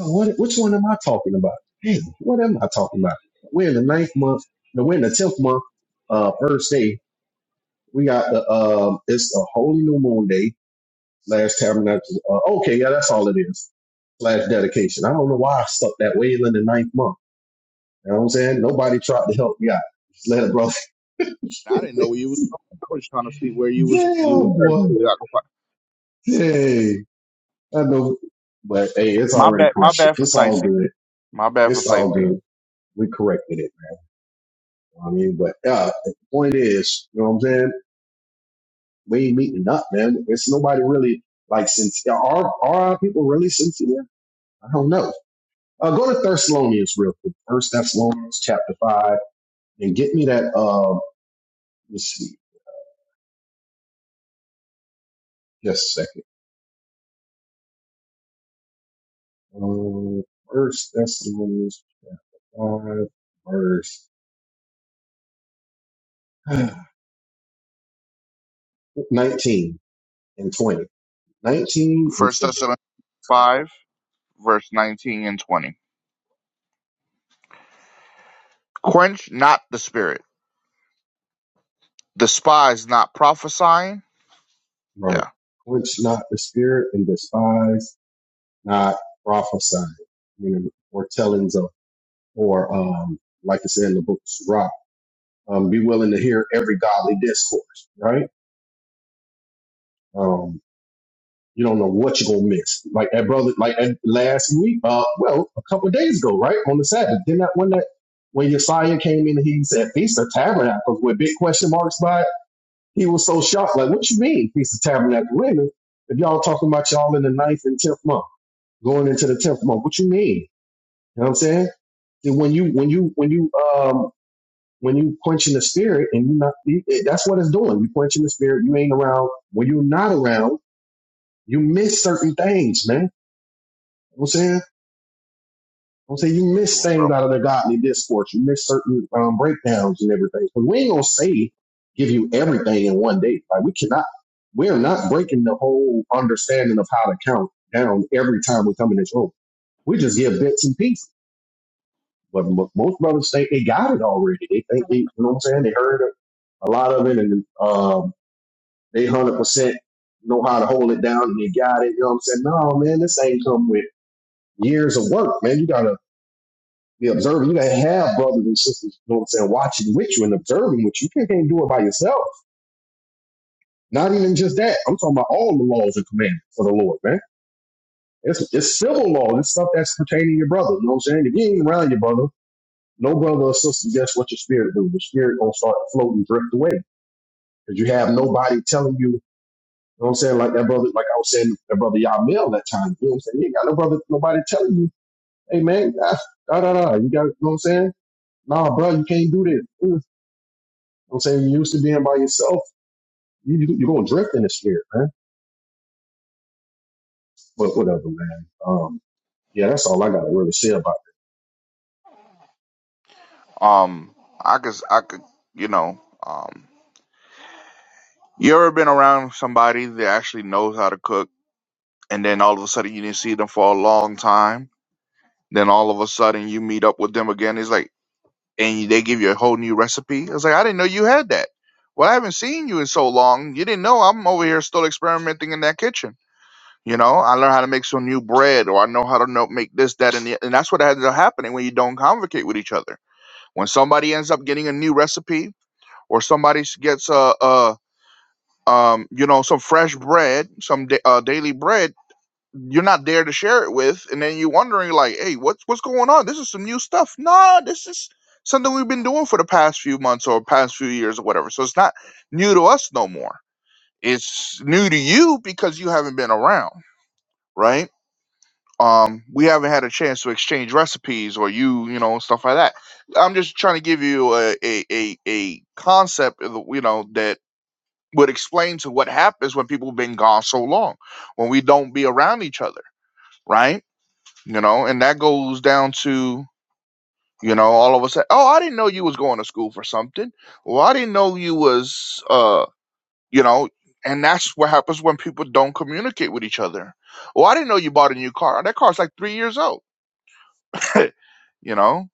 [SPEAKER 3] Oh, What, which one am I talking about? Dang, what am I talking about? We're in the ninth month, no, we're in the tenth month, uh, first day. We got the, um, it's a holy new moon day, last tabernacle. Uh, okay, yeah, that's all it is. Slash dedication. I don't know why I stuck that way in the ninth month. You know what I'm saying? Nobody tried to help me out. Just let it, brother.
[SPEAKER 2] I didn't know where you was going. I was trying to see where you was you was
[SPEAKER 3] Damn,
[SPEAKER 2] headed
[SPEAKER 3] boy.
[SPEAKER 2] to.
[SPEAKER 3] Hey, I know, but hey, it's
[SPEAKER 2] My
[SPEAKER 3] already
[SPEAKER 2] bad. My
[SPEAKER 3] corrected.
[SPEAKER 2] bad for
[SPEAKER 3] It's all good.
[SPEAKER 2] sightseeing. My bad for
[SPEAKER 3] It's all good.
[SPEAKER 2] sightseeing.
[SPEAKER 3] We corrected it. I mean, but yeah, the point is, you know what I'm saying? We ain't meeting up, man. It's nobody really like sincere. are are our people really sincere? I don't know. Uh, go to Thessalonians real quick. First Thessalonians chapter five, and get me that. Um, let's see, just a second. Um, First Thessalonians chapter five, verse nineteen and twenty. Nineteen and
[SPEAKER 2] First
[SPEAKER 3] twenty.
[SPEAKER 2] Thessalonians five, verse nineteen and twenty. Quench not the spirit. Despise not prophesying.
[SPEAKER 3] Right.
[SPEAKER 2] Yeah,
[SPEAKER 3] Quench not the spirit and despise not prophesying, you know, or tellings of, or um, like I said in the book of Sirach, um, be willing to hear every godly discourse, right? Um, you don't know what you're gonna miss. Like that brother, like that last week, uh, well, a couple of days ago, right on the Sabbath. Then that one that when Josiah came in, and he said Feast of Tabernacles with big question marks by it. He was so shocked, like, what you mean Feast of Tabernacles? Wait a minute, if y'all talking about y'all in the ninth and tenth month, going into the tenth month, what you mean? You know what I'm saying? then when you when you when you um when you quenching the spirit and you not you, it- that's what it's doing. You quenching the spirit. You ain't around. When you're not around, you miss certain things, man. You know what I'm saying. I'm saying you
[SPEAKER 2] good
[SPEAKER 3] miss
[SPEAKER 2] one, bro.
[SPEAKER 3] things out of the godly discourse. You miss certain um, breakdowns and everything. But we ain't gonna say give you everything in one day. Like we cannot. We're not breaking the whole understanding of how to count down every time we come in this room. We just give bits and pieces. But most brothers think they got it already. They think they, you know what I'm saying? They heard a lot of it and um, they 100% know how to hold it down and they got it. You know what I'm saying? No, man, this ain't come with years of work, man. You got to be observant. You got to have brothers and sisters, you know what I'm saying, watching with you and observing with you. You can't do it by yourself. Not even just that. I'm talking about all the laws and commandments for the Lord, man. It's, it's civil law. It's stuff that's pertaining to your brother. You know what I'm saying? If you ain't around your brother, no brother or sister, guess what your spirit do? Your spirit gonna start to float and drift away because you have nobody telling you. You know what I'm saying? Like that brother, like I was saying, that brother Yamil that time. You know what I'm saying? You ain't got no brother, nobody telling you, hey man, da da da. You got, you know what I'm saying? Nah, bro, you can't do this. You know what I'm saying? You used to being by yourself. You, you you're gonna drift in the spirit, man. But whatever, man. Um, yeah, that's all I gotta really say about.
[SPEAKER 2] Um, I could, I could, you know, um, you ever been around somebody that actually knows how to cook, and then all of a sudden you didn't see them for a long time. Then all of a sudden you meet up with them again. It's like, and they give you a whole new recipe. I was like, I didn't know you had that. Well, I haven't seen you in so long. You didn't know I'm over here still experimenting in that kitchen. You know, I learned how to make some new bread, or I know how to know, make this, that, and the, and that's what ends up happening when you don't convocate with each other. When somebody ends up getting a new recipe, or somebody s- gets a, a um, you know, some fresh bread, some da- uh, daily bread you're not there to share it with, and then you're wondering like, hey, what's what's going on? This is some new stuff. No, this is something we've been doing for the past few months or past few years or whatever. So it's not new to us no more. It's new to you because you haven't been around, right? Um, we haven't had a chance to exchange recipes or you, you know, stuff like that. I'm just trying to give you a a a, a concept, of the- you know, that would explain to what happens when people have been gone so long, when we don't be around each other, right? you know, and that goes down to, you know, all of a sudden. oh, I didn't know you was going to school for something. Well, I didn't know you was, uh, you know, and that's what happens when people don't communicate with each other. Well, I didn't know you bought a new car. That car's like three years old, you know,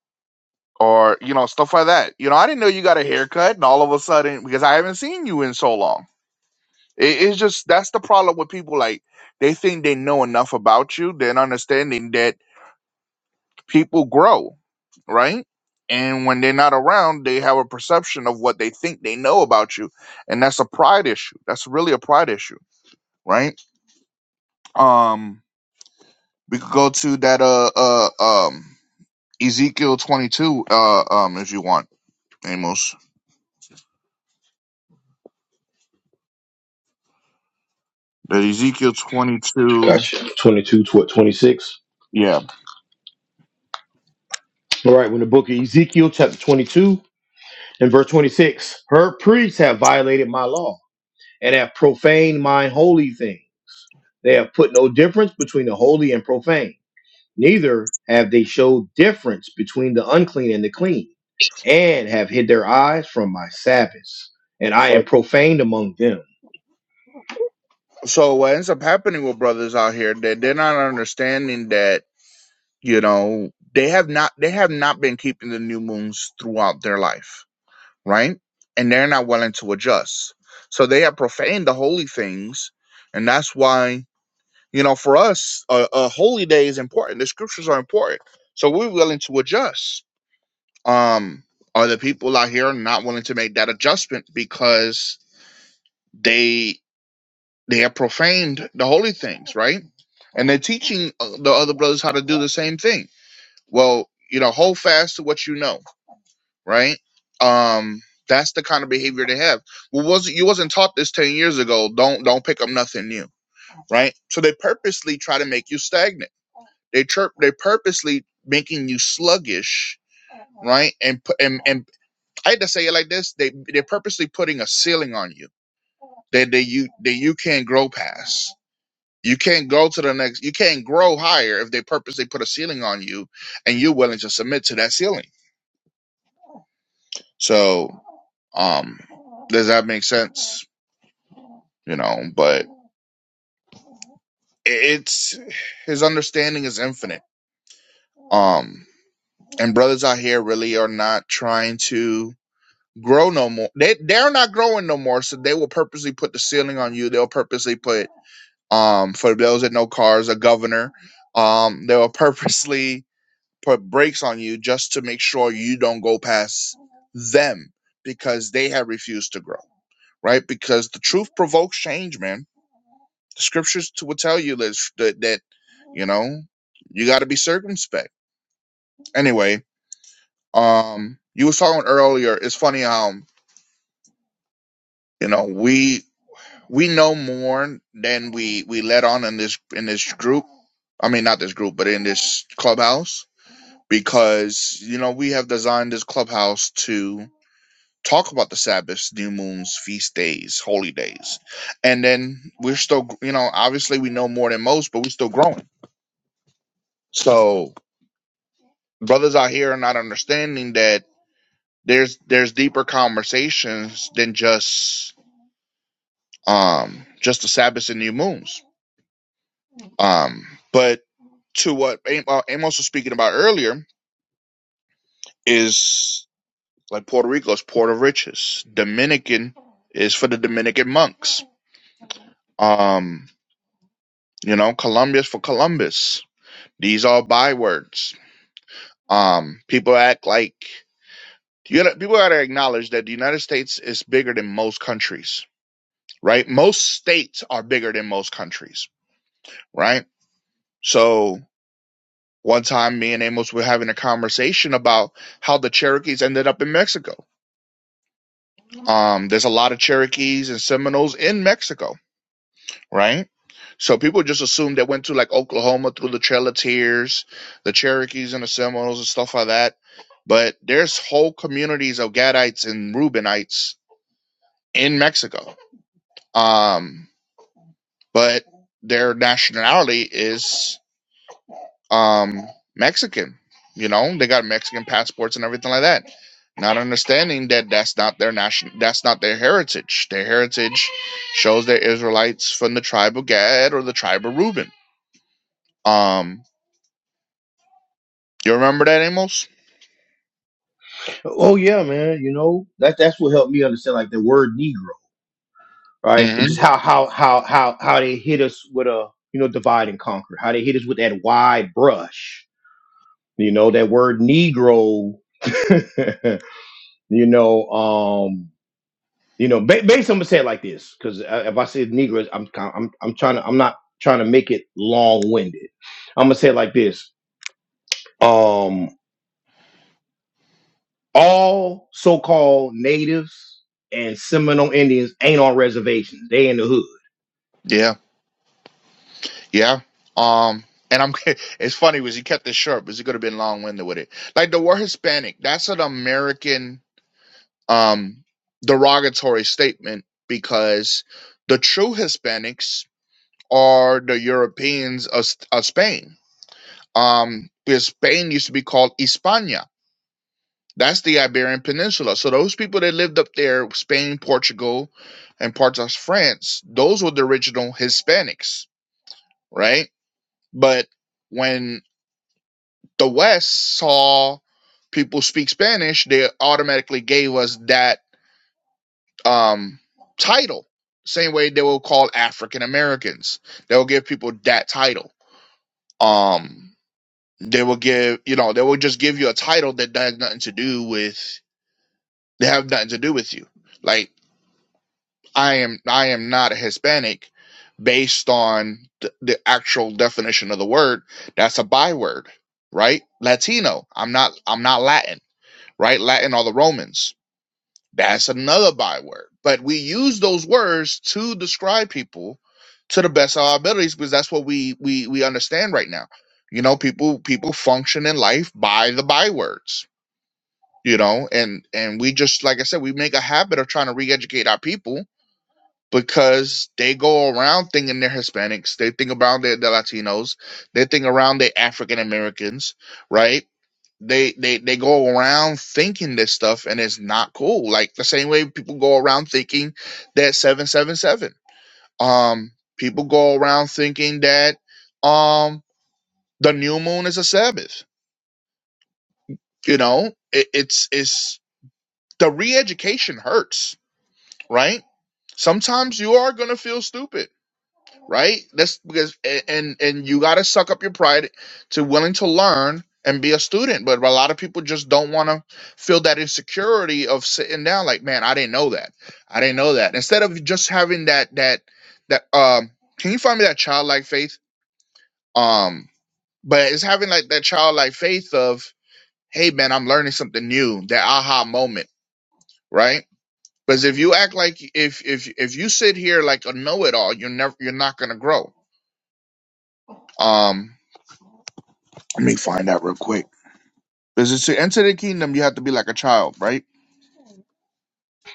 [SPEAKER 2] or, you know, stuff like that. You know, I didn't know you got a haircut and all of a sudden, because I haven't seen you in so long. It, it's just, that's the problem with people. Like, they think they know enough about you. They're not understanding that people grow, right? And when they're not around, they have a perception of what they think they know about you. And that's a pride issue. That's really a pride issue, right? Um, we could go to that uh uh um Ezekiel twenty two uh um if you want, Amos. The Ezekiel twenty two
[SPEAKER 1] Gotcha. 22 to 26.
[SPEAKER 2] yeah.
[SPEAKER 1] All right, when the book of Ezekiel, chapter 22 and verse 26, her priests have violated my law. and have profaned my holy things. They have put no difference between the holy and profane, neither have they showed difference between the unclean and the clean, and have hid their eyes from my Sabbaths, and I
[SPEAKER 2] So
[SPEAKER 1] am profaned among them.
[SPEAKER 2] so what ends up happening with brothers out here that they're not understanding that, you know, they have not they have not been keeping the new moons throughout their life right? And they're not willing to adjust. So they have profaned the holy things. And that's why, you know, for us, a, a holy day is important. The scriptures are important. So we're willing to adjust. Um, are the people out here not willing to make that adjustment because they they have profaned the holy things, right? And they're teaching uh, the other brothers how to do the same thing. Well, you know, hold fast to what you know right? Um, that's the kind of behavior they have. Well, was you wasn't taught this ten years ago? Don't don't pick up nothing new, right? So they purposely try to make you stagnant. They chirp. They purposely making you sluggish, right? And put and and I had to say it like this. They they're purposely putting a ceiling on you that they you that you can't grow past. You can't go to the next. You can't grow higher if they purposely put a ceiling on you, and you're willing to submit to that ceiling. So, um, does that make sense? you know, but it's his understanding is infinite. Um, and brothers out here really are not trying to grow no more. They they're not growing no more, so they will purposely put the ceiling on you. They'll purposely put um for those that know cars, a governor. Um, they will purposely put brakes on you just to make sure you don't go past them because they have refused to grow, right? Because the truth provokes change, man The scriptures t- will tell you that, that, that you know, you got to be circumspect. Anyway, um, you was talking earlier. It's funny how you know we we know more than we we let on in this in this group. I mean, not this group, but in this clubhouse because you know we have designed this clubhouse to talk about the Sabbaths, new moons, feast days, holy days, and then we're still you know obviously we know more than most, but we're still growing. So brothers out here are not understanding that there's there's deeper conversations than just um just the Sabbaths and new moons. Um, but to what Am- uh, Amos was speaking about earlier is like Puerto Rico is Port of Riches. Dominican is for the Dominican monks. Um, you know, Columbia is for Columbus. These are bywords. Um, people act like you gotta, people gotta acknowledge that the United States is bigger than most countries right? Most states are bigger than most countries, right? So one time me and Amos were having a conversation about how the Cherokees ended up in Mexico. Um, there's a lot of Cherokees and Seminoles in Mexico, right? So people just assume they went to like Oklahoma through the Trail of Tears, the Cherokees and the Seminoles and stuff like that. But there's whole communities of Gadites and Reubenites in Mexico. Um, but their nationality is um Mexican. You know, they got Mexican passports and everything like that. Not understanding that that's not their national, that's not their heritage. Their heritage shows they're Israelites from the tribe of Gad or the tribe of Reuben. Um, you remember that, Amos?
[SPEAKER 1] Oh yeah, man, you know that that's what helped me understand like the word Negro. right?
[SPEAKER 2] Mm-hmm.
[SPEAKER 1] Just how how how how how they hit us with a you know divide and conquer. How they hit us with that wide brush. You know that word Negro. you know, um, you know, ba- basically, I'm gonna say it like this because if I say Negroes, I'm kind, I'm I'm trying to I'm not trying to make it long winded. I'm gonna say it like this. Um, all so called natives and Seminole Indians ain't on reservations. They in the hood.
[SPEAKER 2] Yeah, yeah. Um, and I'm. It's funny was he kept this short because he could have been long winded with it. Like the word Hispanic, that's an American um derogatory statement because the true Hispanics are the Europeans of, of Spain. Um, because Spain used to be called Hispania. That's the Iberian Peninsula. So those people that lived up there, Spain, Portugal, and parts of France, those were the original Hispanics, right? But when the West saw people speak Spanish, they automatically gave us that um, title. Same way they will call African Americans. They'll give people that title. Um, They will give, you know, they will just give you a title that has nothing to do with, they have nothing to do with you. Like I am, I am not a Hispanic based on the, the actual definition of the word. That's a byword, right? Latino. I'm not, I'm not Latin, right? Latin are the Romans. That's another byword. But we use those words to describe people to the best of our abilities because that's what we we we understand right now. You know, people people function in life by the bywords you know and and we just like i said we make a habit of trying to re-educate our people because they go around thinking they're hispanics they think about they're, the latinos they think around they're african americans right they, they they go around thinking this stuff and it's not cool like the same way people go around thinking that 777 um people go around thinking that um the new moon is a sabbath you know it, it's it's the re-education hurts right sometimes you are gonna feel stupid, right? That's because and and you gotta suck up your pride to willing to learn and be a student. But a lot of people just don't want to feel that insecurity of sitting down, like, man, I didn't know that. I didn't know that. Instead of just having that that that um, can you find me that childlike faith? Um, but it's having like that childlike faith of, hey, man, I'm learning something new, that aha moment, right? Because if you act like if if if you sit here like a know-it-all, you're never you're not gonna grow. Um, let me find out real quick. Because to enter the kingdom, you have to be like a child, right?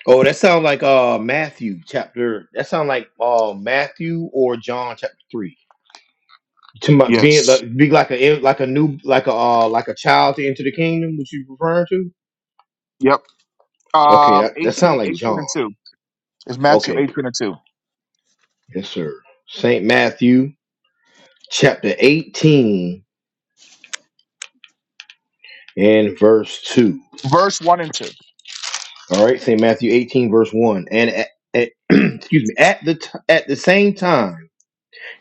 [SPEAKER 1] Oh, that sounds like uh Matthew chapter. That sounds like uh Matthew or John chapter three. To my being
[SPEAKER 2] Yes.
[SPEAKER 1] like, be like a like a new like a uh like a child to enter the kingdom. Which you referring to?
[SPEAKER 2] Yep.
[SPEAKER 1] Okay,
[SPEAKER 2] Um,
[SPEAKER 1] that that
[SPEAKER 2] 18,
[SPEAKER 1] sounds like
[SPEAKER 2] 18
[SPEAKER 1] John.
[SPEAKER 2] and two. It's Matthew
[SPEAKER 1] Okay,
[SPEAKER 2] eighteen and two,
[SPEAKER 1] yes sir. Saint Matthew chapter eighteen and verse two.
[SPEAKER 2] verse one and two.
[SPEAKER 1] All right, Saint Matthew eighteen verse one. And at, at, excuse me, at the t- at the same time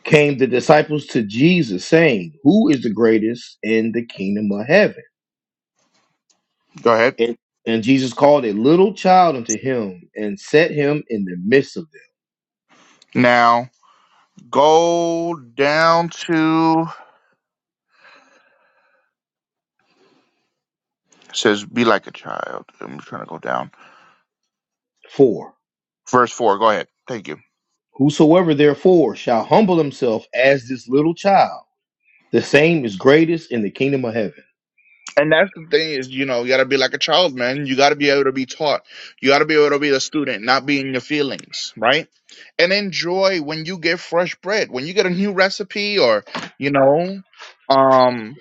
[SPEAKER 1] came the disciples to Jesus, saying, "Who is the greatest in the kingdom of heaven?"
[SPEAKER 2] Go ahead.
[SPEAKER 1] And, and Jesus called a little child unto him and set him in the midst of them.
[SPEAKER 2] Now go down to it says be like a child. I'm trying to go down.
[SPEAKER 1] For
[SPEAKER 2] Verse four. Go ahead. Thank you.
[SPEAKER 1] whosoever therefore shall humble himself as this little child, the same is greatest in the kingdom of heaven.
[SPEAKER 2] And that's the thing is, you know, you gotta be like a child, man. You gotta be able to be taught. You gotta be able to be the student, not be in your feelings, right? And enjoy when you get fresh bread, when you get a new recipe, or you know, um,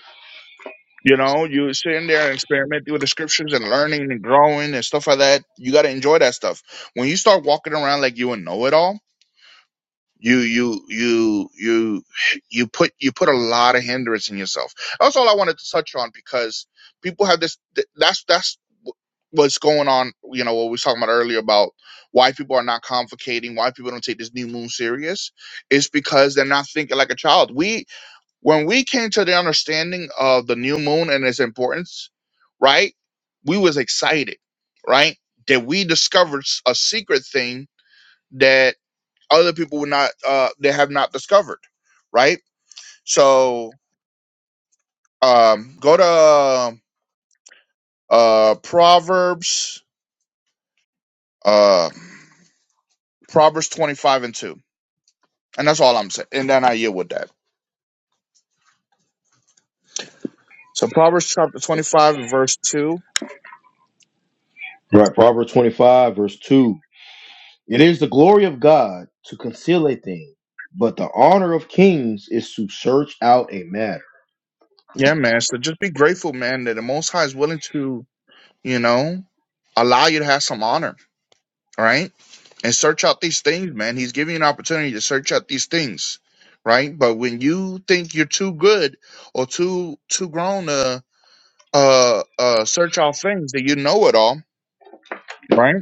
[SPEAKER 2] you know, you sitting there and experimenting with the scriptures and learning and growing and stuff like that. You gotta enjoy that stuff. When you start walking around like you a know it all you you you you you put you put a lot of hindrance in yourself that's all i wanted to touch on because people have this th- that's that's what's going on you know what we were talking about earlier about why people are not convocating why people don't take this new moon serious is because they're not thinking like a child we when we came to the understanding of the new moon and its importance right we was excited right that we discovered s- a secret thing other people would not uh they have not discovered right so um go to uh proverbs uh proverbs 25 and 2 and that's all i'm saying and then i yield with that so proverbs chapter 25 and verse 2
[SPEAKER 1] Right. Proverbs 25, verse 2. It is the glory of God to conceal a thing, but the honor of kings is to search out a
[SPEAKER 2] yeah man so just be grateful man that the most high is willing to you know allow you to have some honor right and search out these things, man. He's giving you an opportunity to search out these things, right? But when you think you're too good or too too grown to uh uh search out things that you know it all, right?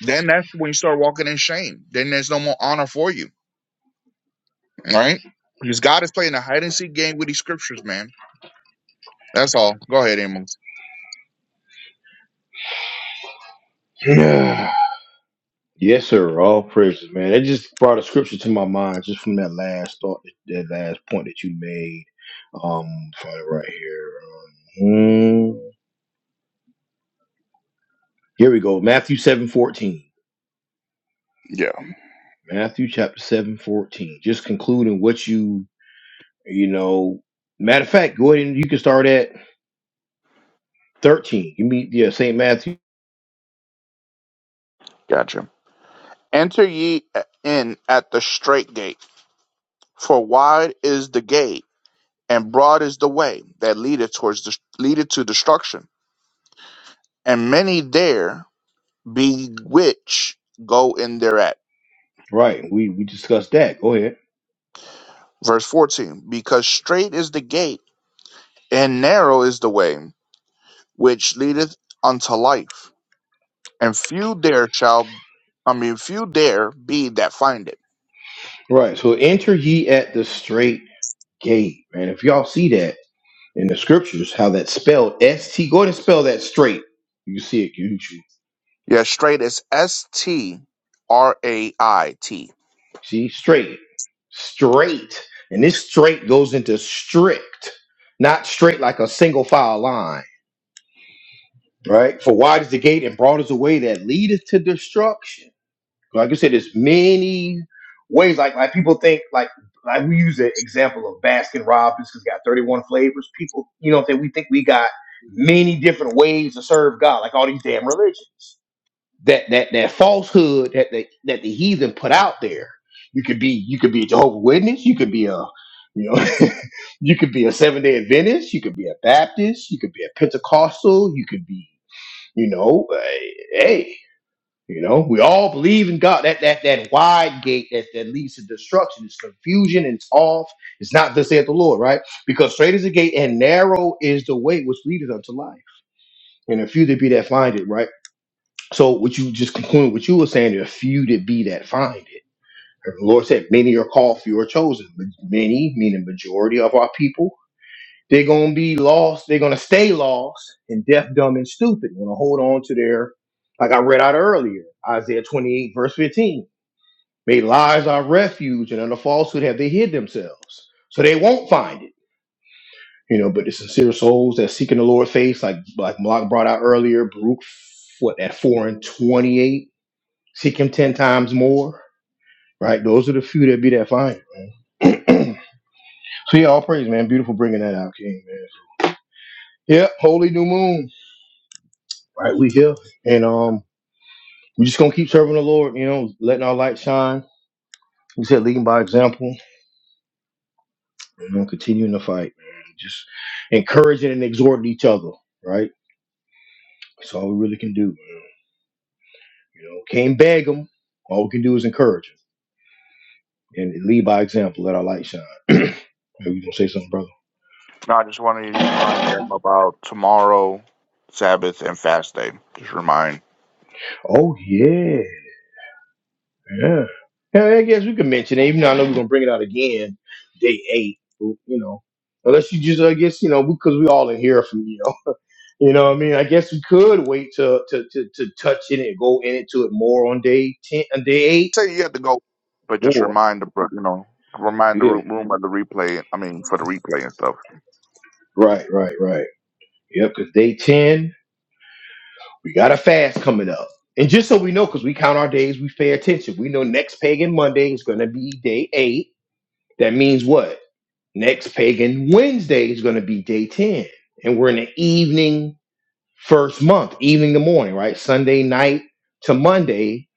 [SPEAKER 2] Then that's when you start walking in shame. Then there's no more honor for you, right? Because God is playing a hide and seek game with these scriptures, man. That's all. Go ahead, Amos.
[SPEAKER 1] matter. Yes, sir. All praises, man. It just brought a scripture to my mind just from that last thought, that last point that you made. Um, find it right here. Um, hmm. here we go. Matthew seven fourteen.
[SPEAKER 2] Yeah,
[SPEAKER 1] Matthew chapter seven fourteen. Just concluding what you you know. Matter of fact, go ahead and you can start at thirteen. You meet yeah Saint Matthew.
[SPEAKER 2] gotcha. Enter ye in at the straight gate, for wide is the gate and broad is the way that leadeth towards the, leadeth to destruction, and many there be which go in thereat.
[SPEAKER 1] Right. We we discussed that. Go ahead.
[SPEAKER 2] Verse 14, because straight is the gate, and narrow is the way which leadeth unto life, and few there shall, I mean, few there be that find it.
[SPEAKER 1] Right. So enter ye at the straight gate, man. If y'all see that. in the scriptures how that's spelled S T. Go ahead and spell that straight. You see it, you you
[SPEAKER 2] Yeah, straight is S T R A I T.
[SPEAKER 1] see straight, straight, and this straight goes into strict, not straight like a single file line, right? For wide is the gate and broad is the way that leadeth to destruction. Like I said, there's many ways. Like like people think like. Like we use the example of Baskin Robbins, because got 31 flavors. People, you know, that we think we got many different ways to serve God, like all these damn religions that that that falsehood that the, that the heathen put out there. You could be you could be a Jehovah Witness. You could be a you know you could be a Seventh Day Adventist. You could be a Baptist. You could be a Pentecostal. You could be you know a- hey you know we all believe in God. That that that wide gate that that leads to destruction is confusion. and It's off. It's not thus saith the Lord, right? Because straight is the gate and narrow is the way which leadeth unto life, and a few there be that find it, right? So what you just concluded, what you were saying, there are few to be that find it. And the Lord said, many are called, few are chosen. But many, meaning majority of our people, they're gonna be lost. They're gonna stay lost and deaf, dumb, and stupid. Gonna hold on to their, like I read out earlier, Isaiah 28 verse 15. May lies our refuge, and under falsehood have they hid themselves, so they won't find it. You know, but the sincere souls that seeking the Lord face, like like Malak brought out earlier, Baruch, what at four and twenty-eight Seek him 10 times more, right? Those are the few that be that find. him. so, yeah, all praise, man. Beautiful bringing that out, King, man. Yeah, holy new moon, right? We here. And um, we just going to keep serving the Lord, you know, letting our light shine. We said leading by example, you know, continuing the fight, man. Just encouraging and exhorting each other, right? That's all we really can do, man. You know, can't beg them. All we can do is encourage encourage 'em and lead by example. Let our light shine. Are you gonna say something, brother?
[SPEAKER 2] Now, I just wanted to remind them about tomorrow, Sabbath, and fast day. Just remind
[SPEAKER 1] Oh yeah. Yeah. Yeah, I guess we can mention it, even though I know we're gonna bring it out again, day eight. You know, unless you just, I guess, you know, because we all in here from you. Know, you know, what I mean, I guess we could wait to to to, to touch it and go into it more on day ten, on day eight.
[SPEAKER 2] tell you, you have to go, but just
[SPEAKER 1] More.
[SPEAKER 2] remind the bro- you know remind the
[SPEAKER 1] Yeah.
[SPEAKER 2] room, room of the replay. I mean, for the replay and stuff.
[SPEAKER 1] Right. Right. Right. Yep. Because day ten, we got a fast coming up, and just so we know, because we count our days, we pay attention. We know next pagan Monday is gonna be day eight. That means what? Next pagan Wednesday is going to be day 10. And we're in the evening first month, evening to morning, right? Sunday night to Monday,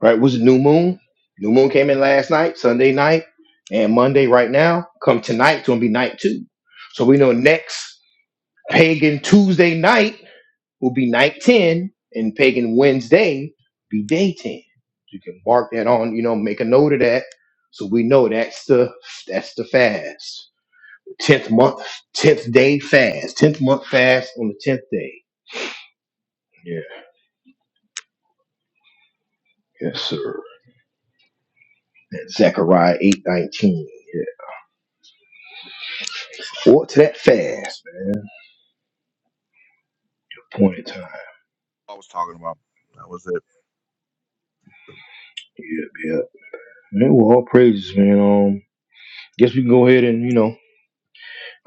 [SPEAKER 1] right? Was new moon. New moon came in last night, Sunday night, and Monday right now. Come tonight, it's going to be night two. So we know next pagan Tuesday night will be night 10, and pagan Wednesday be day 10. So You can mark that on, you know, make a note of that. So we know that's the that's the fast tenth month, tenth day fast, tenth month fast on the tenth day. Yeah, yes, sir. That's Zechariah eight nineteen. Yeah, forward to that fast, man. Point in time.
[SPEAKER 2] I was talking about that was it.
[SPEAKER 1] Yeah, yeah. Man, well, all praises, man. Um, guess we can go ahead and you know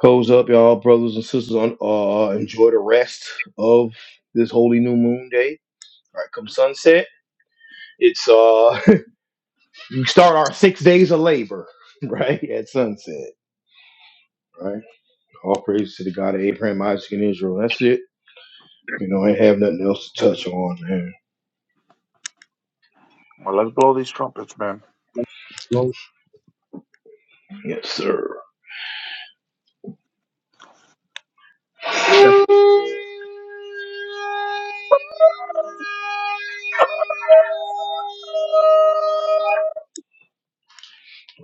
[SPEAKER 1] close up, y'all, brothers and sisters. On uh, enjoy the rest of this holy new moon day. All right, come sunset. It's uh, we start our six days of labor right at sunset. Right. All praise to the God of Abraham, Isaac, and Israel. That's it. You know, I ain't have nothing else to touch on, man.
[SPEAKER 2] Well, let's blow these trumpets, man.
[SPEAKER 3] It. No,
[SPEAKER 1] Yes, sir.
[SPEAKER 2] Yeah.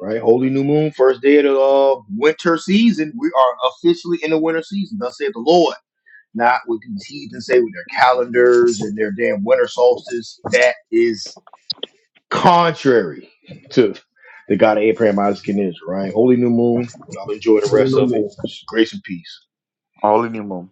[SPEAKER 1] Right? Holy New Moon, first day of the uh, winter season. We are officially in the winter season. Thus saith the Lord. Not what these heathens say with their calendars and their damn winter solstice. That is contrary to the God of Abraham, Isaac, and Israel, right? Holy New Moon. Y'all enjoy the
[SPEAKER 3] no,
[SPEAKER 1] rest
[SPEAKER 3] no
[SPEAKER 1] of it.
[SPEAKER 3] more.
[SPEAKER 1] Grace and peace.
[SPEAKER 2] All in your